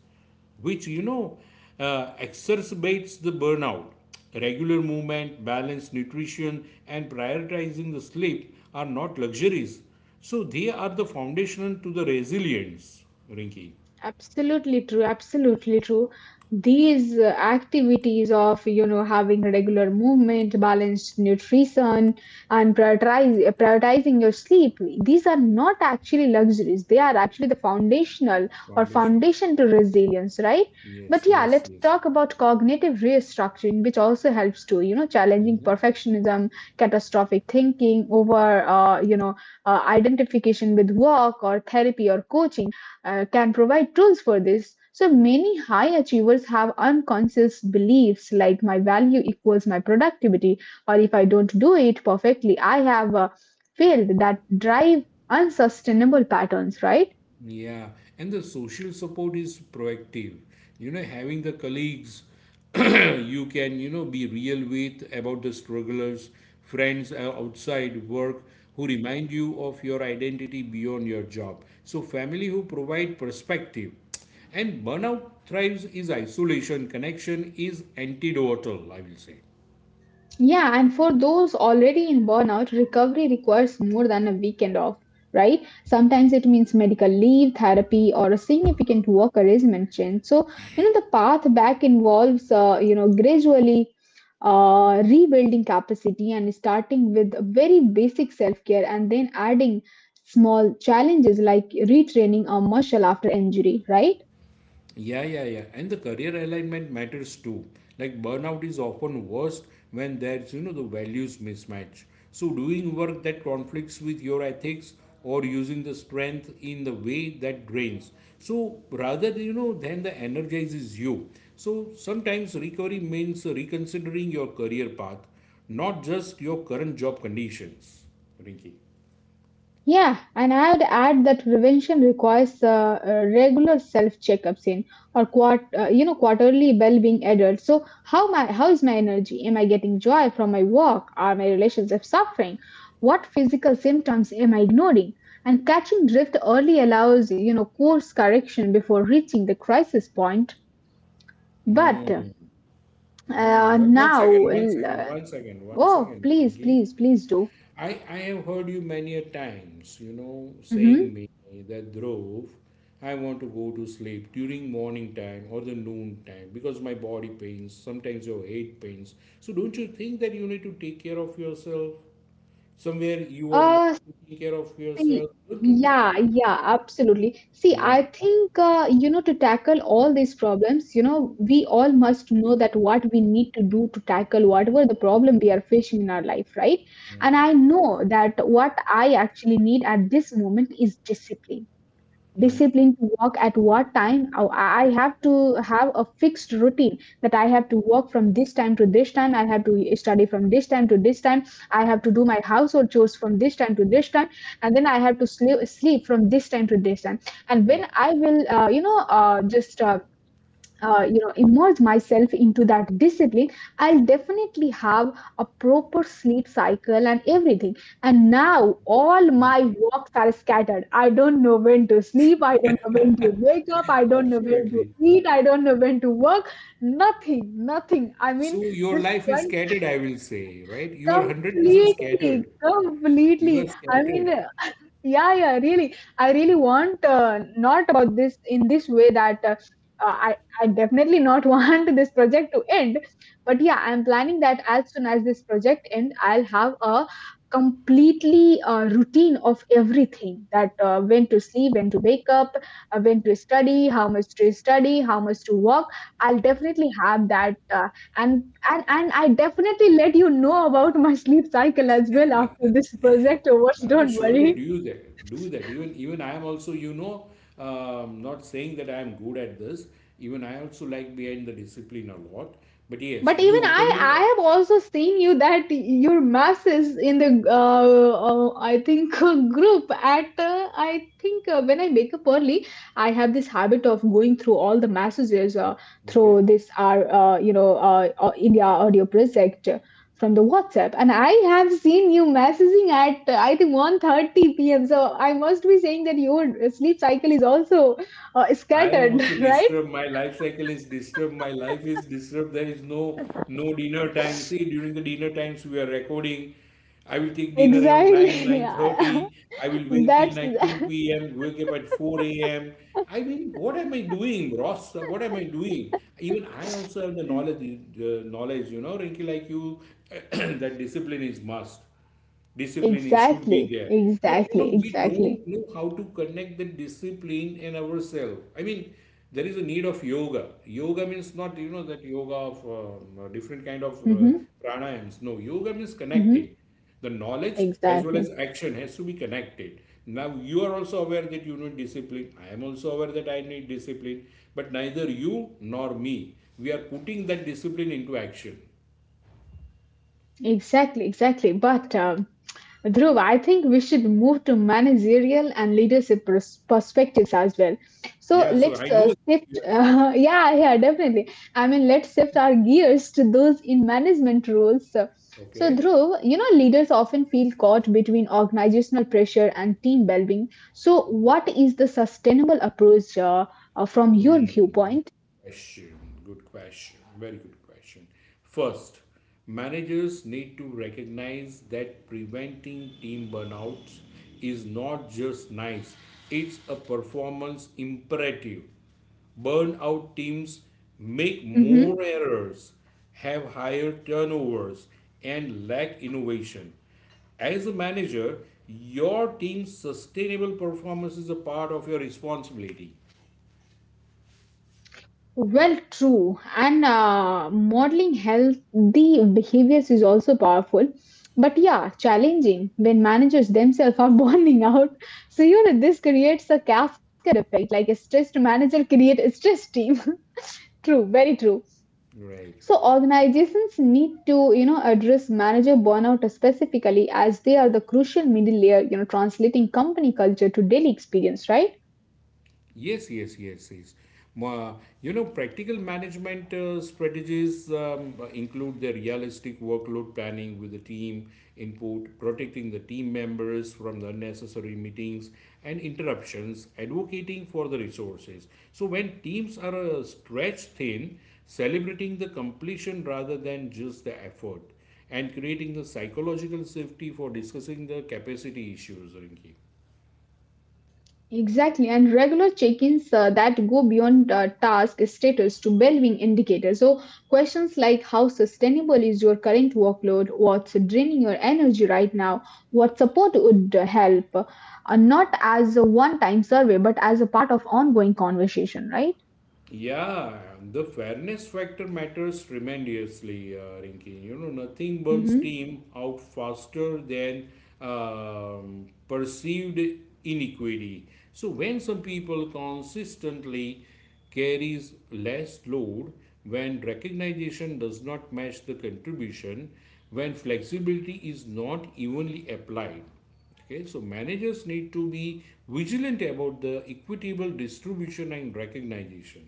Speaker 2: which, you know, exacerbates the burnout. Regular movement, balanced nutrition, and prioritizing the sleep are not luxuries. So they are the foundation to the resilience, Rinky.
Speaker 1: Absolutely true. Absolutely true. These activities of, you know, having regular movement, balanced nutrition, and prioritizing your sleep, these are not actually luxuries. They are actually the
Speaker 2: Foundations.
Speaker 1: foundation to resilience, right?
Speaker 2: Yes,
Speaker 1: But yeah,
Speaker 2: yes,
Speaker 1: let's
Speaker 2: yes.
Speaker 1: talk about cognitive restructuring, which also helps to, challenging perfectionism, catastrophic thinking over, identification with work or therapy or coaching can provide tools for this. So many high achievers have unconscious beliefs like my value equals my productivity, or if I don't do it perfectly, I have failed that drive unsustainable patterns, right?
Speaker 2: Yeah, and the social support is proactive. You know, having the colleagues you can, you know, be real with about the strugglers, friends outside work who remind you of your identity beyond your job. So, family who provide perspective. And burnout thrives is isolation, connection is antidotal, I will say.
Speaker 1: Yeah, and for those already in burnout, recovery requires more than a weekend off, right? Sometimes it means medical leave, therapy, or a significant work arrangement change. So, the path back involves, gradually rebuilding capacity and starting with very basic self care and then adding small challenges like retraining a muscle after injury, right?
Speaker 2: Yeah, yeah, yeah. And the career alignment matters too. Like burnout is often worst when there's, you know, the values mismatch. So doing work that conflicts with your ethics or using the strength in the way that drains. So rather, you know, than the energizes you. So sometimes recovery means reconsidering your career path, not just your current job conditions. Rinky.
Speaker 1: Yeah, and I would add that prevention requires regular self checkups in or quart quarterly well-being adult. So how is my energy? Am I getting joy from my work? Are my relationships suffering? What physical symptoms am I ignoring? And catching drift early allows course correction before reaching the crisis point. But
Speaker 2: Mm, mm. But one
Speaker 1: now,
Speaker 2: second, one second, one second, one
Speaker 1: oh
Speaker 2: second,
Speaker 1: please,
Speaker 2: Rinky.
Speaker 1: please, please do.
Speaker 2: I have heard you many a times, you know, saying
Speaker 1: Mm-hmm.
Speaker 2: me that Dhruv, I want to go to sleep during morning time or the noon time because my body pains, sometimes your head pains. So don't you think that you need to take care of yourself? Somewhere you are not
Speaker 1: Uh,
Speaker 2: taking care of
Speaker 1: See,
Speaker 2: yourself. Don't you think?
Speaker 1: yeah, yeah, absolutely. See,
Speaker 2: Yeah.
Speaker 1: I think, to tackle all these problems, we all must know that what we need to do to tackle whatever the problem we are facing in our life, right? And
Speaker 2: Mm,
Speaker 1: I know that what I actually need at this moment is
Speaker 2: mm,
Speaker 1: discipline to work at what time. Oh, I have to have a fixed routine, that I have to work from this time to this time, I have to study from this time to this time, I have to do my household chores from this time to this time, and then I have to sleep from this time to this time. And
Speaker 2: mm.
Speaker 1: when I will you know just you know immerse myself into that discipline, I'll definitely have a proper sleep cycle and everything. And now all my walks are scattered. I don't know when to sleep, I don't know when to wake up, I don't know when to
Speaker 2: Absolutely.
Speaker 1: eat, I don't know when to work. Nothing. Nothing, I mean,
Speaker 2: So your
Speaker 1: this
Speaker 2: life is
Speaker 1: one
Speaker 2: scattered, I will say, right? You are 100% scattered. You are
Speaker 1: completely, I mean,
Speaker 2: scattered.
Speaker 1: yeah, yeah, really. I really want not about this in this way that i I definitely not want this project to end. But yeah, I'm planning that as soon as this project end, I'll have a completely routine of everything, that when to sleep, when to wake up, when to study, how much to study, how much to work. I'll definitely have that and and I definitely let you know about my sleep cycle as well after this project over.
Speaker 2: No, no,
Speaker 1: Don't
Speaker 2: surely do
Speaker 1: worry.
Speaker 2: you that. Do that. Even I am also, you know, not saying that I am good at this. Even I also like behind the discipline a lot. But yes,
Speaker 1: But even
Speaker 2: you
Speaker 1: I,
Speaker 2: openly,
Speaker 1: I have also seen you that your mass is in the, I think, group at, I think, when I wake up early, I have this habit of going through all the messages
Speaker 2: okay.
Speaker 1: through this, our, you know, India audio project from the WhatsApp. And I have seen you messaging at, I think, 1:30 p.m. So I must be saying that your sleep cycle is also
Speaker 2: I am
Speaker 1: scattered,
Speaker 2: also
Speaker 1: right?
Speaker 2: disturbed. My life cycle is disturbed. My life is disturbed. There is no dinner time. See, during the dinner times we are recording. I will take dinner around 9,
Speaker 1: Exactly.
Speaker 2: 9:30. I will wake till
Speaker 1: That's
Speaker 2: night 2 p.m., wake up at 4 a.m. I mean, what am I doing, Ross? What am I doing? Even I also have the knowledge, knowledge, you know, Rinky, like you, that discipline is must, discipline should be
Speaker 1: exactly,
Speaker 2: there, but you know
Speaker 1: exactly,
Speaker 2: we
Speaker 1: exactly.
Speaker 2: don't know how to connect the discipline and ourselves. I mean, there is a need of yoga. Yoga means not, you know, that yoga of different kind of
Speaker 1: Hmm.
Speaker 2: pranayams. No, yoga means
Speaker 1: Hmm.
Speaker 2: connecting the knowledge as well as
Speaker 1: Exactly,
Speaker 2: action has to be connected. Now, you are also aware that you need discipline, I am also aware that I need discipline, but neither you nor me, we are putting that discipline into action.
Speaker 1: exactly, exactly. But Dhruv, I think we should move to managerial and leadership perspectives as well. So
Speaker 2: Yeah, so I
Speaker 1: let's
Speaker 2: know.
Speaker 1: shift. Yeah, yeah, definitely. I mean, let's shift our gears to those in management roles. So, so
Speaker 2: Okay.
Speaker 1: Dhruv, you know, leaders often feel caught between organizational pressure and team well-being. So, what is the sustainable approach from your
Speaker 2: Hmm.
Speaker 1: viewpoint?
Speaker 2: Question. Good question. Very good question. First, managers need to recognize that preventing team burnouts is not just nice, it's a performance imperative. Burnout teams make
Speaker 1: Mm-hmm.
Speaker 2: more errors, have higher turnovers, and lack innovation. As a manager, your team's sustainable performance is a part of your responsibility.
Speaker 1: Well, true. And modeling healthy behaviors is also powerful. But yeah, challenging when managers themselves are burning out. So, you know, this creates a cascade effect, like a stressed manager create a stressed team. True, very true.
Speaker 2: Right.
Speaker 1: So, organizations need to, you know, address manager burnout specifically as they are the crucial middle layer, you know, translating company culture to daily experience, right?
Speaker 2: Yes, yes, yes, yes. Ma- You know, practical management strategies include the realistic workload planning with the team input, protecting the team members from the unnecessary meetings and interruptions, advocating for the resources. So, when teams are stretched thin, celebrating the completion rather than just the effort, and creating the psychological safety for discussing the capacity issues, Rinki.
Speaker 1: Exactly, and regular check-ins that go beyond task status to well-being indicators. So questions like how sustainable is your current workload, what's draining your energy right now, what support would help, are not as a one-time survey but as a part of ongoing conversation, right?
Speaker 2: Yeah, the fairness factor matters tremendously, Rinki. You know, nothing burns steam out faster than perceived inequity. So when some people consistently carries less load, when recognition does not match the contribution, when flexibility is not evenly applied, okay, so managers need to be vigilant about the equitable distribution and recognition.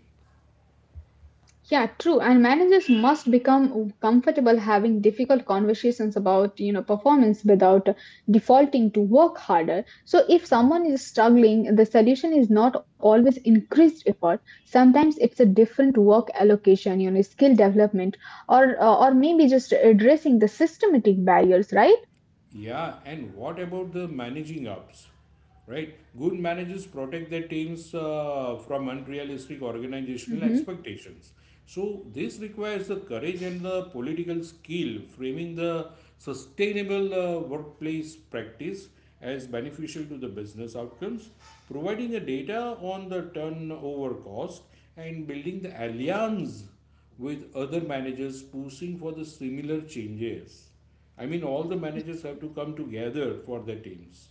Speaker 1: Yeah, true. And managers must become comfortable having difficult conversations about, you know, performance without defaulting to work harder. So if someone is struggling, the solution is not always increased effort. Sometimes it's a different work allocation, you know, skill development, or maybe just addressing the systematic barriers, right?
Speaker 2: Yeah, and what about the managing ups? Right? Good managers protect their teams from unrealistic organizational
Speaker 1: Mhm.
Speaker 2: expectations. So, this requires the courage and the political skill, framing the sustainable workplace practice as beneficial to the business outcomes, providing a data on the turnover cost, and building the alliance with other managers pushing for the similar changes. I mean, all the managers have to come together for the teams.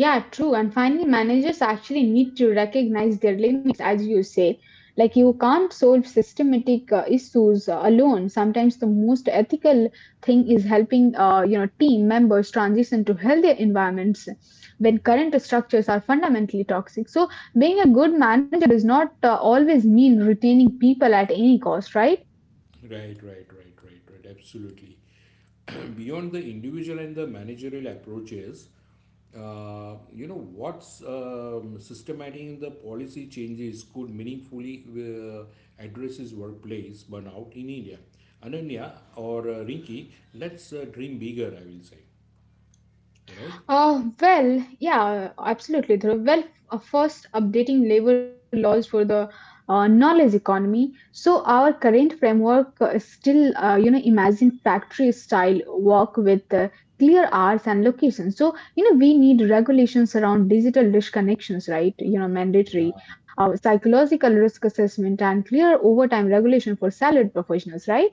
Speaker 1: Yeah, true. And finally, managers actually need to recognize their limits, as you say. Like, you can't solve systematic issues alone. Sometimes the most ethical thing is helping, team members transition to healthier environments when current structures are fundamentally toxic. So, being a good manager does not always mean retaining people at any cost, right?
Speaker 2: Right, right, right, right, right. Absolutely. Beyond the individual and the managerial approaches, you know, what's systematic in the policy changes could meaningfully address his workplace burnout in India. Ananya or Rinki, let's dream bigger, I will say. Right?
Speaker 1: Well, yeah, absolutely, Dhruv. Well, first, updating labor laws for the knowledge economy. So our current framework is still, imagine factory-style work with clear hours and locations. So, you know, we need regulations around digital disconnections, right? You know, mandatory, psychological risk assessment, and clear overtime regulation for salaried professionals, right?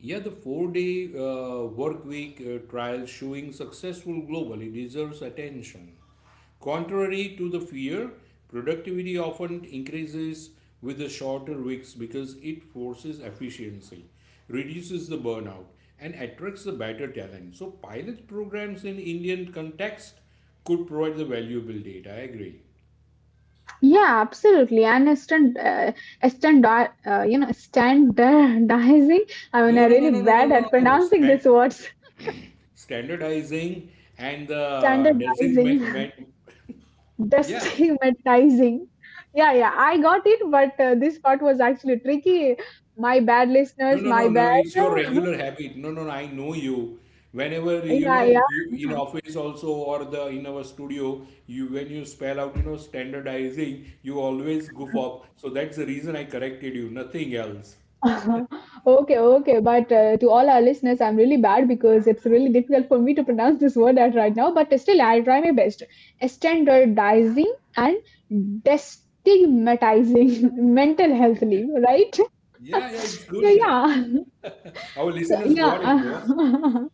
Speaker 2: Yeah, the 4 day work week trial showing successful globally deserves attention. Contrary to the fear, productivity often increases with the shorter weeks because it forces efficiency, reduces the burnout, and attracts the better talent. So, pilot programs in Indian context could provide the valuable data. I agree.
Speaker 1: Yeah, absolutely. And a stand, you know, standardizing. I mean,
Speaker 2: No,
Speaker 1: I'm
Speaker 2: no, no,
Speaker 1: really
Speaker 2: no, no, no,
Speaker 1: bad
Speaker 2: no,
Speaker 1: at
Speaker 2: no.
Speaker 1: pronouncing these words.
Speaker 2: Standardizing and the
Speaker 1: Standardizing,
Speaker 2: designate. Yeah.
Speaker 1: destigmatizing. Yeah, yeah, I got it, but this part was actually tricky. My bad,
Speaker 2: No,
Speaker 1: listeners.
Speaker 2: no,
Speaker 1: My
Speaker 2: no, no.
Speaker 1: bad.
Speaker 2: It's your regular habit. No, no, no. I know you. Whenever, you
Speaker 1: Yeah, yeah.
Speaker 2: know, you in office also or the in our studio, you when you spell out, you know, standardizing, you always goof up. So that's the reason I corrected you. Nothing else.
Speaker 1: Okay, okay. But to all our listeners, I'm really bad because it's really difficult for me to pronounce this word at right now. But still, I'll try my best. Standardizing and destigmatizing mental health leave, right?
Speaker 2: Yeah, yeah. It's good
Speaker 1: Yeah.
Speaker 2: enough. Our
Speaker 1: So,
Speaker 2: listeners got it, boss.
Speaker 1: yeah.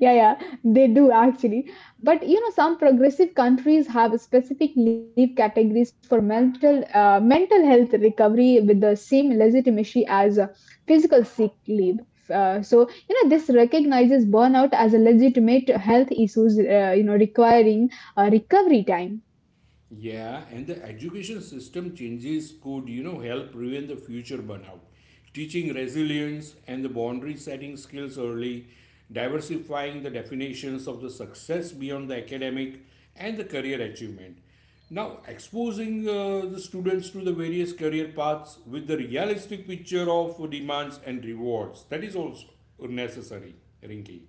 Speaker 1: Yeah, yeah, they do actually. But you know, some progressive countries have specific leave categories for mental health recovery with the same legitimacy as physical sick leave. So you know, this recognizes burnout as a legitimate health issues. Requiring recovery time.
Speaker 2: Yeah, and the education system changes could, you know, help prevent the future burnout. Teaching resilience and the boundary setting skills early, diversifying the definitions of the success beyond the academic and the career achievement. Now, exposing the students to the various career paths with the realistic picture of demands and rewards. That is also necessary, Rinki.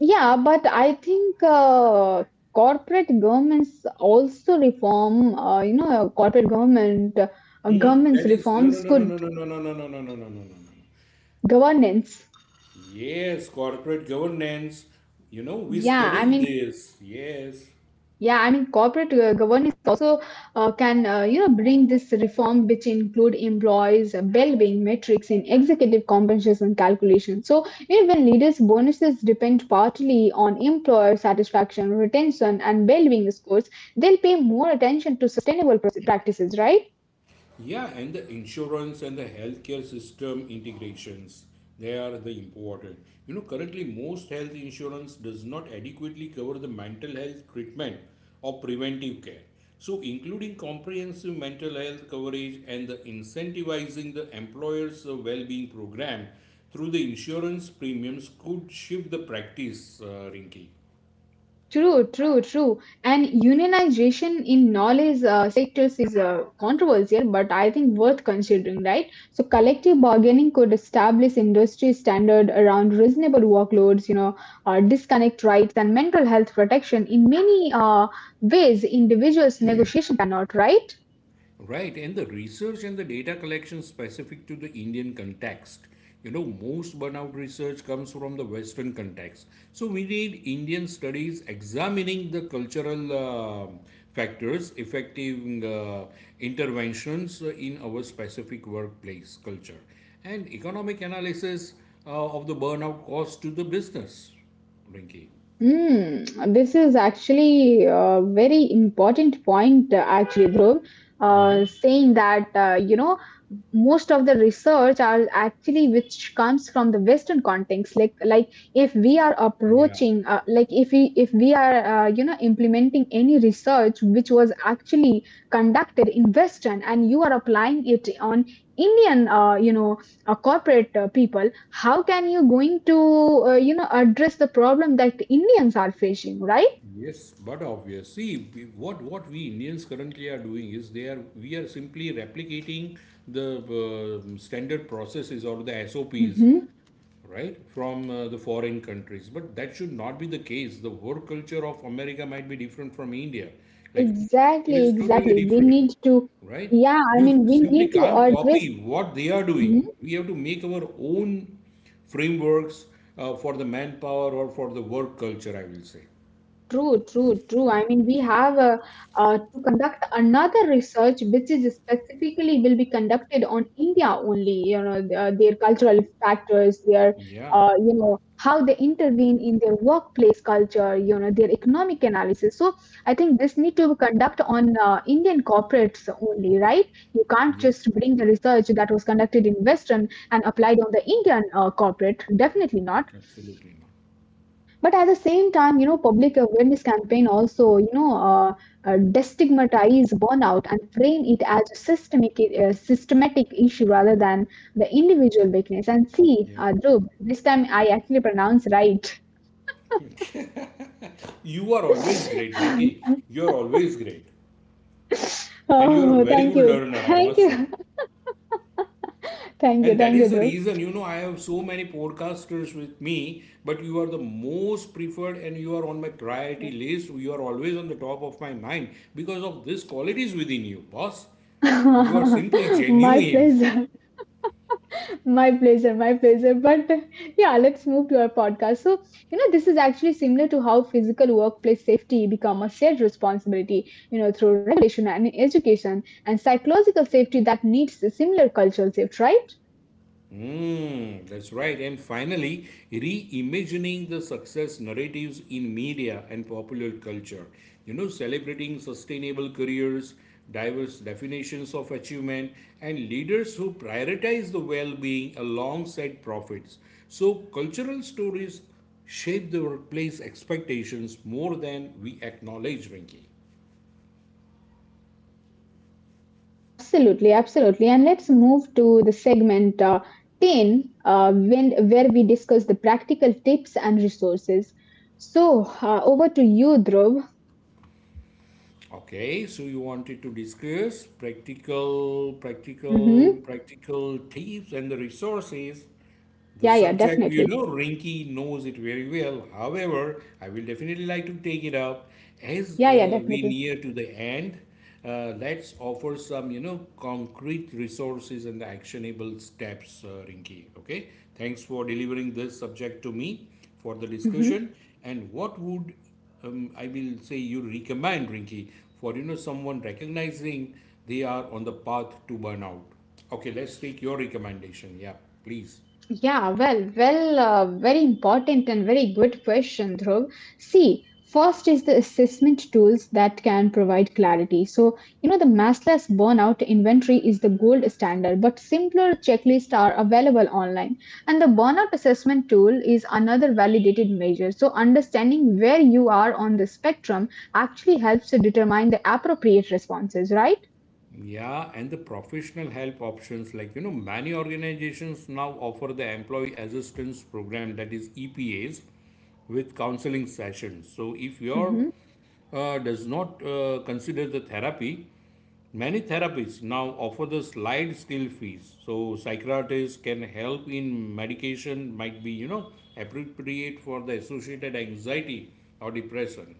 Speaker 1: Yeah, but I think corporate governments also reform. You know, corporate government
Speaker 2: Mhm. That
Speaker 1: governments
Speaker 2: is no, no,
Speaker 1: reforms
Speaker 2: no, no,
Speaker 1: could
Speaker 2: no, no, no, no, no, no, no, no, no, no, no, no, no.
Speaker 1: governance.
Speaker 2: Yes, corporate governance. You know, we
Speaker 1: Yeah, I
Speaker 2: studied
Speaker 1: mean,
Speaker 2: this. Yes.
Speaker 1: yeah, I mean, corporate governance also can, bring this reform, which include employees' well-being metrics in executive compensation calculation. So, you know, when leaders' bonuses depend partly on employer satisfaction, retention, and well-being scores, they'll pay more attention to sustainable practices, right?
Speaker 2: Yeah, and the insurance and the healthcare system integrations, they are the important. You know, currently most health insurance does not adequately cover the mental health treatment or preventive care. So, including comprehensive mental health coverage and the incentivizing the employer's well-being program through the insurance premiums could shift the practice, Rinki.
Speaker 1: True, true, true. And unionization in knowledge sectors is controversial, but I think worth considering, right? So, collective bargaining could establish industry standard around reasonable workloads, you know, disconnect rights and mental health protection in many ways individuals negotiation cannot, right?
Speaker 2: Right, and the research and the data collection specific to the Indian context. You know, most burnout research comes from the Western context. So we need Indian studies examining the cultural factors affecting interventions in our specific workplace culture and economic analysis of the burnout cost to the business, Rinki.
Speaker 1: Hmm, this is actually a very important point, actually, Dhruv.
Speaker 2: Hmm.
Speaker 1: Saying that most of the research are actually which comes from the Western context. Like if we are
Speaker 2: Yeah.
Speaker 1: approaching, like if we are implementing any research which was actually conducted in Western and you are applying it on Indian, corporate people, how can you going to address the problem that Indians are facing, right?
Speaker 2: Yes, but obvious. See, what we Indians currently are doing is they are we are simply replicating the standard processes or the SOPs,
Speaker 1: Hmm.
Speaker 2: right, from the foreign countries. But that should not be the case. The work culture of America might be different from India. Like, it
Speaker 1: Exactly,
Speaker 2: is totally
Speaker 1: exactly, we
Speaker 2: different,
Speaker 1: need to,
Speaker 2: right?
Speaker 1: yeah, I
Speaker 2: You
Speaker 1: mean, we need
Speaker 2: simply
Speaker 1: to
Speaker 2: can't
Speaker 1: address.
Speaker 2: copy what they are doing. We have to make our own frameworks for the manpower or for the work culture, I will say.
Speaker 1: True, true, true. I mean, we have to conduct another research, which is specifically will be conducted on India only. You know, their cultural factors, their,
Speaker 2: Yeah.
Speaker 1: how they intervene in their workplace culture. You know, their economic analysis. So I think this need to be conduct on Indian corporates only, right? You can't
Speaker 2: Yeah,
Speaker 1: just bring the research that was conducted in Western and applied on the Indian corporate. Definitely not.
Speaker 2: absolutely not.
Speaker 1: But at the same time, you know, public awareness campaign also, destigmatize burnout and frame it as a systemic, systematic issue rather than the individual weakness. And see,
Speaker 2: Yeah.
Speaker 1: Dhruv, this time I actually pronounced right.
Speaker 2: You are always great, Rinki. You are always great. And you are a
Speaker 1: Oh,
Speaker 2: very good learner, I
Speaker 1: thank
Speaker 2: must
Speaker 1: you,
Speaker 2: say. And that
Speaker 1: thank you,
Speaker 2: is the
Speaker 1: Dhruv.
Speaker 2: reason, you know, I have so many podcasters with me, but you are the most preferred and you are on my priority list. You are always on the top of my mind because of these qualities within you, boss. You are simply
Speaker 1: My
Speaker 2: genuine.
Speaker 1: pleasure. My pleasure, my pleasure. But yeah, let's move to our podcast. So, you know, this is actually similar to how physical workplace safety become a shared responsibility, you know, through regulation and education and psychological safety that needs a similar cultural shift, right?
Speaker 2: Mm, that's right. And finally, reimagining the success narratives in media and popular culture. You know, celebrating sustainable careers, diverse definitions of achievement, and leaders who prioritize the well being alongside profits. So, cultural stories shape the workplace expectations more than we acknowledge, Rinki.
Speaker 1: Absolutely, absolutely. And let's move to the segment 10, where we discuss the practical tips and resources. So, over to you, Dhruv.
Speaker 2: Okay, so you wanted to discuss practical, practical,
Speaker 1: Hmm.
Speaker 2: practical tips and the resources. The
Speaker 1: Yeah, yeah,
Speaker 2: subject, you
Speaker 1: definitely.
Speaker 2: know, Rinky knows it very well. However, I will definitely like to take it up as
Speaker 1: Yeah, yeah,
Speaker 2: we
Speaker 1: definitely.
Speaker 2: near to the end. Let's offer some, you know, concrete resources and actionable steps, Rinky. Okay, thanks for delivering this subject to me for the
Speaker 1: Mm-hmm.
Speaker 2: discussion. And what would I will say you recommend, Rinky, for you know someone recognizing they are on the path to burnout? Okay, let's take your recommendation. Yeah, please.
Speaker 1: Yeah, well, well, very important and very good question, Dhruv. See, first is the assessment tools that can provide clarity. So, you know, the massless burnout inventory is the gold standard, but simpler checklists are available online. And the burnout assessment tool is another validated measure. So, understanding where you are on the spectrum actually helps to determine the appropriate responses, right?
Speaker 2: Yeah, and the professional help options, like, you know, many organizations now offer the employee assistance program, that is EPAs, with counseling sessions. So if your
Speaker 1: Mhm.
Speaker 2: does not consider the therapy, many therapists now offer the slide skill fees. So psychiatrists can help in medication, might be you know appropriate for the associated anxiety or depression.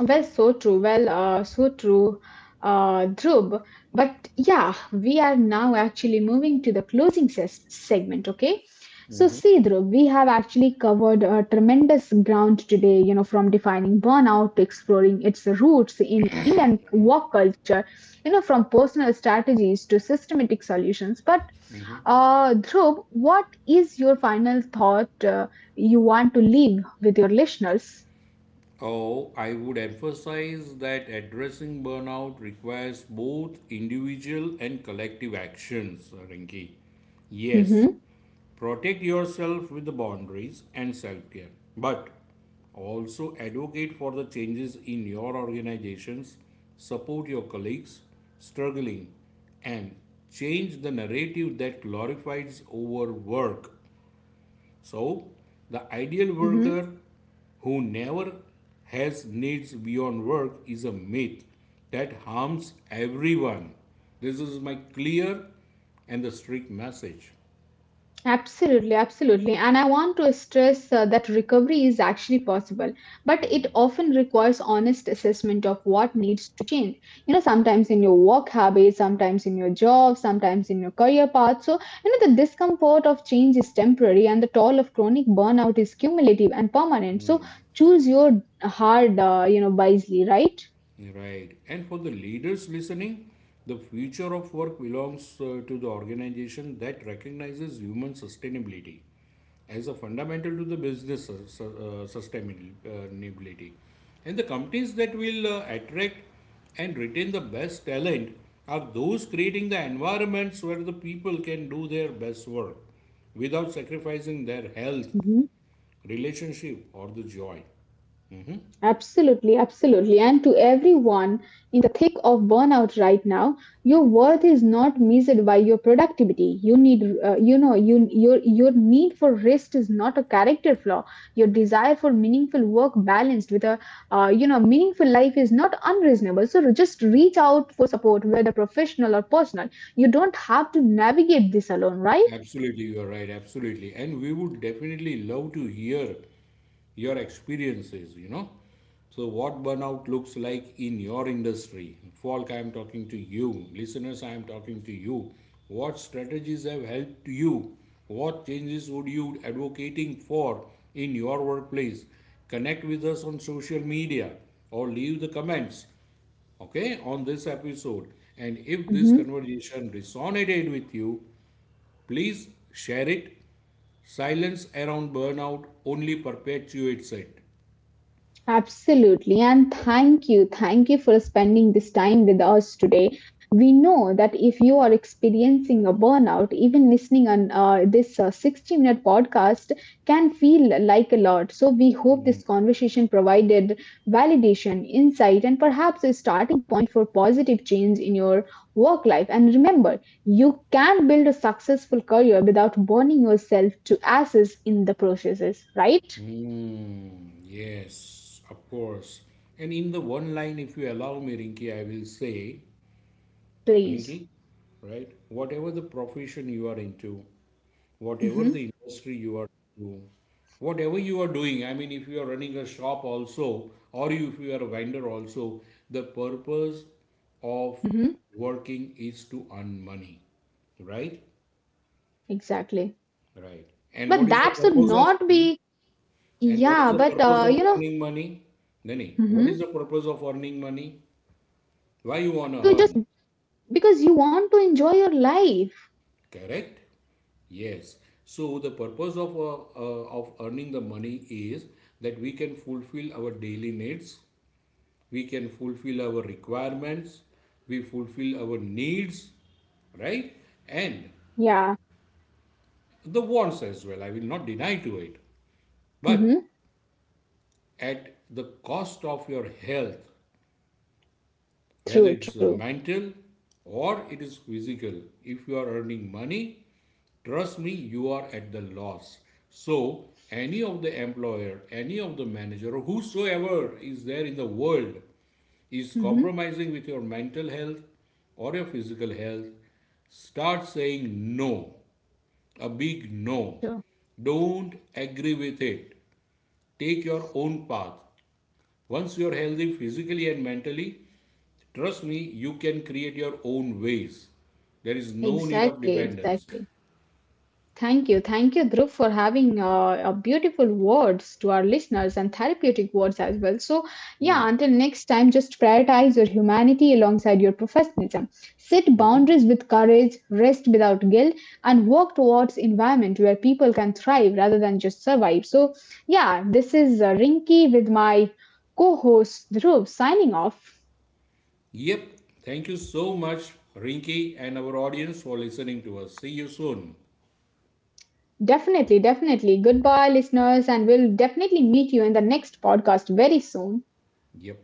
Speaker 1: Well, so true. Well, so true, Dhruv. But yeah, we are now actually moving to the closing segment, okay? So, see, Dhruv, we have actually covered a tremendous ground today, you know, from defining burnout to exploring its roots in Indian work culture, you know, from personal strategies to systematic solutions. But, Dhruv, what is your final thought you want to leave with your listeners?
Speaker 2: Oh, I would emphasize that addressing burnout requires both individual and collective actions, Rinki. Yes,
Speaker 1: Mm-hmm,
Speaker 2: protect yourself with the boundaries and self care, but also advocate for the changes in your organizations, support your colleagues struggling, and change the narrative that glorifies overwork. So, the ideal
Speaker 1: mm-hmm.
Speaker 2: worker who never has needs beyond work is a myth that harms everyone. This is my clear and the strict message.
Speaker 1: Absolutely, absolutely. And I want to stress that recovery is actually possible, but it often requires honest assessment of what needs to change. You know, sometimes in your work habits, sometimes in your job, sometimes in your career path. So, you know, the discomfort of change is temporary and the toll of chronic burnout is cumulative and permanent. So, choose your hard, wisely, right?
Speaker 2: Right. And for the leaders listening, the future of work belongs to the organization that recognizes human sustainability as a fundamental to the business sustainability. And the companies that will attract and retain the best talent are those creating the environments where the people can do their best work without sacrificing their health,
Speaker 1: Mhm.
Speaker 2: relationship, or the joy.
Speaker 1: Absolutely, absolutely. And to everyone in the thick of burnout right now, your worth is not measured by your productivity. You need, you know, you your need for rest is not a character flaw. Your desire for meaningful work balanced with a, meaningful life is not unreasonable. So just reach out for support, whether professional or personal. You don't have to navigate this alone, right?
Speaker 2: Absolutely, you are right. Absolutely. And we would definitely love to hear your experiences, you know. So, what burnout looks like in your industry? Falk, I am talking to you. Listeners, I am talking to you. What strategies have helped you? What changes would you advocating for in your workplace? Connect with us on social media or leave the comments, okay, on this episode, and if this
Speaker 1: Mhm.
Speaker 2: conversation resonated with you, please share it. Silence around burnout only perpetuates it.
Speaker 1: Absolutely. And thank you. Thank you for spending this time with us today. We know that if you are experiencing a burnout, even listening on this 60-minute podcast can feel like a lot. So we hope this conversation provided validation, insight, and perhaps a starting point for positive change in your work life. And remember, you can build a successful career without burning yourself to ashes in the processes, right?
Speaker 2: Hmm, yes, of course. And in the one line, if you allow me, Rinki, I will say, Rinki,
Speaker 1: Please.
Speaker 2: right? Whatever the profession you are into, whatever
Speaker 1: Mhm.
Speaker 2: the industry you are into, whatever you are doing, I mean, if you are running a shop also, or if you are a vendor also, the purpose of
Speaker 1: Mhm.
Speaker 2: working is to earn money, right?
Speaker 1: Exactly.
Speaker 2: Right. And
Speaker 1: But
Speaker 2: what is the
Speaker 1: that should
Speaker 2: purpose of
Speaker 1: not be,
Speaker 2: and what is
Speaker 1: yeah,
Speaker 2: the
Speaker 1: but
Speaker 2: purpose of earning money? Dhani, what is
Speaker 1: hmm,
Speaker 2: the purpose of earning money? Why you wanna
Speaker 1: to just
Speaker 2: earn?
Speaker 1: because you want to enjoy your life.
Speaker 2: Correct? Yes. So the purpose of earning the money is that we can fulfill our daily needs, we can fulfill our requirements, we fulfill our needs, right? And
Speaker 1: Yeah.
Speaker 2: the wants as well. I will not deny to it.
Speaker 1: Hmm.
Speaker 2: But at the cost of your health,
Speaker 1: True,
Speaker 2: whether it's
Speaker 1: true.
Speaker 2: mental or it is physical. If you are earning money, trust me, you are at the loss. So, any of the employer, any of the manager, or whosoever is there in the world is
Speaker 1: Hmm.
Speaker 2: compromising with your mental health or your physical health, start saying no, a big no.
Speaker 1: True.
Speaker 2: Don't agree with it. Take your own path. Once you're healthy physically and mentally, trust me, you can create your own ways. There is no need of
Speaker 1: Exactly,
Speaker 2: dependence.
Speaker 1: exactly. Thank you. Thank you, Dhruv, for having beautiful words to our listeners and therapeutic words as well. So, yeah, until next time, just prioritize your humanity alongside your professionalism. Set boundaries with courage, rest without guilt, and work towards environment where people can thrive rather than just survive. So, yeah, this is Rinky with my co-host Dhruv signing off.
Speaker 2: Yep, thank you so much, Rinky, and our audience for listening to us. See you soon.
Speaker 1: Definitely, definitely. Goodbye, listeners, and we'll definitely meet you in the next podcast very soon.
Speaker 2: Yep.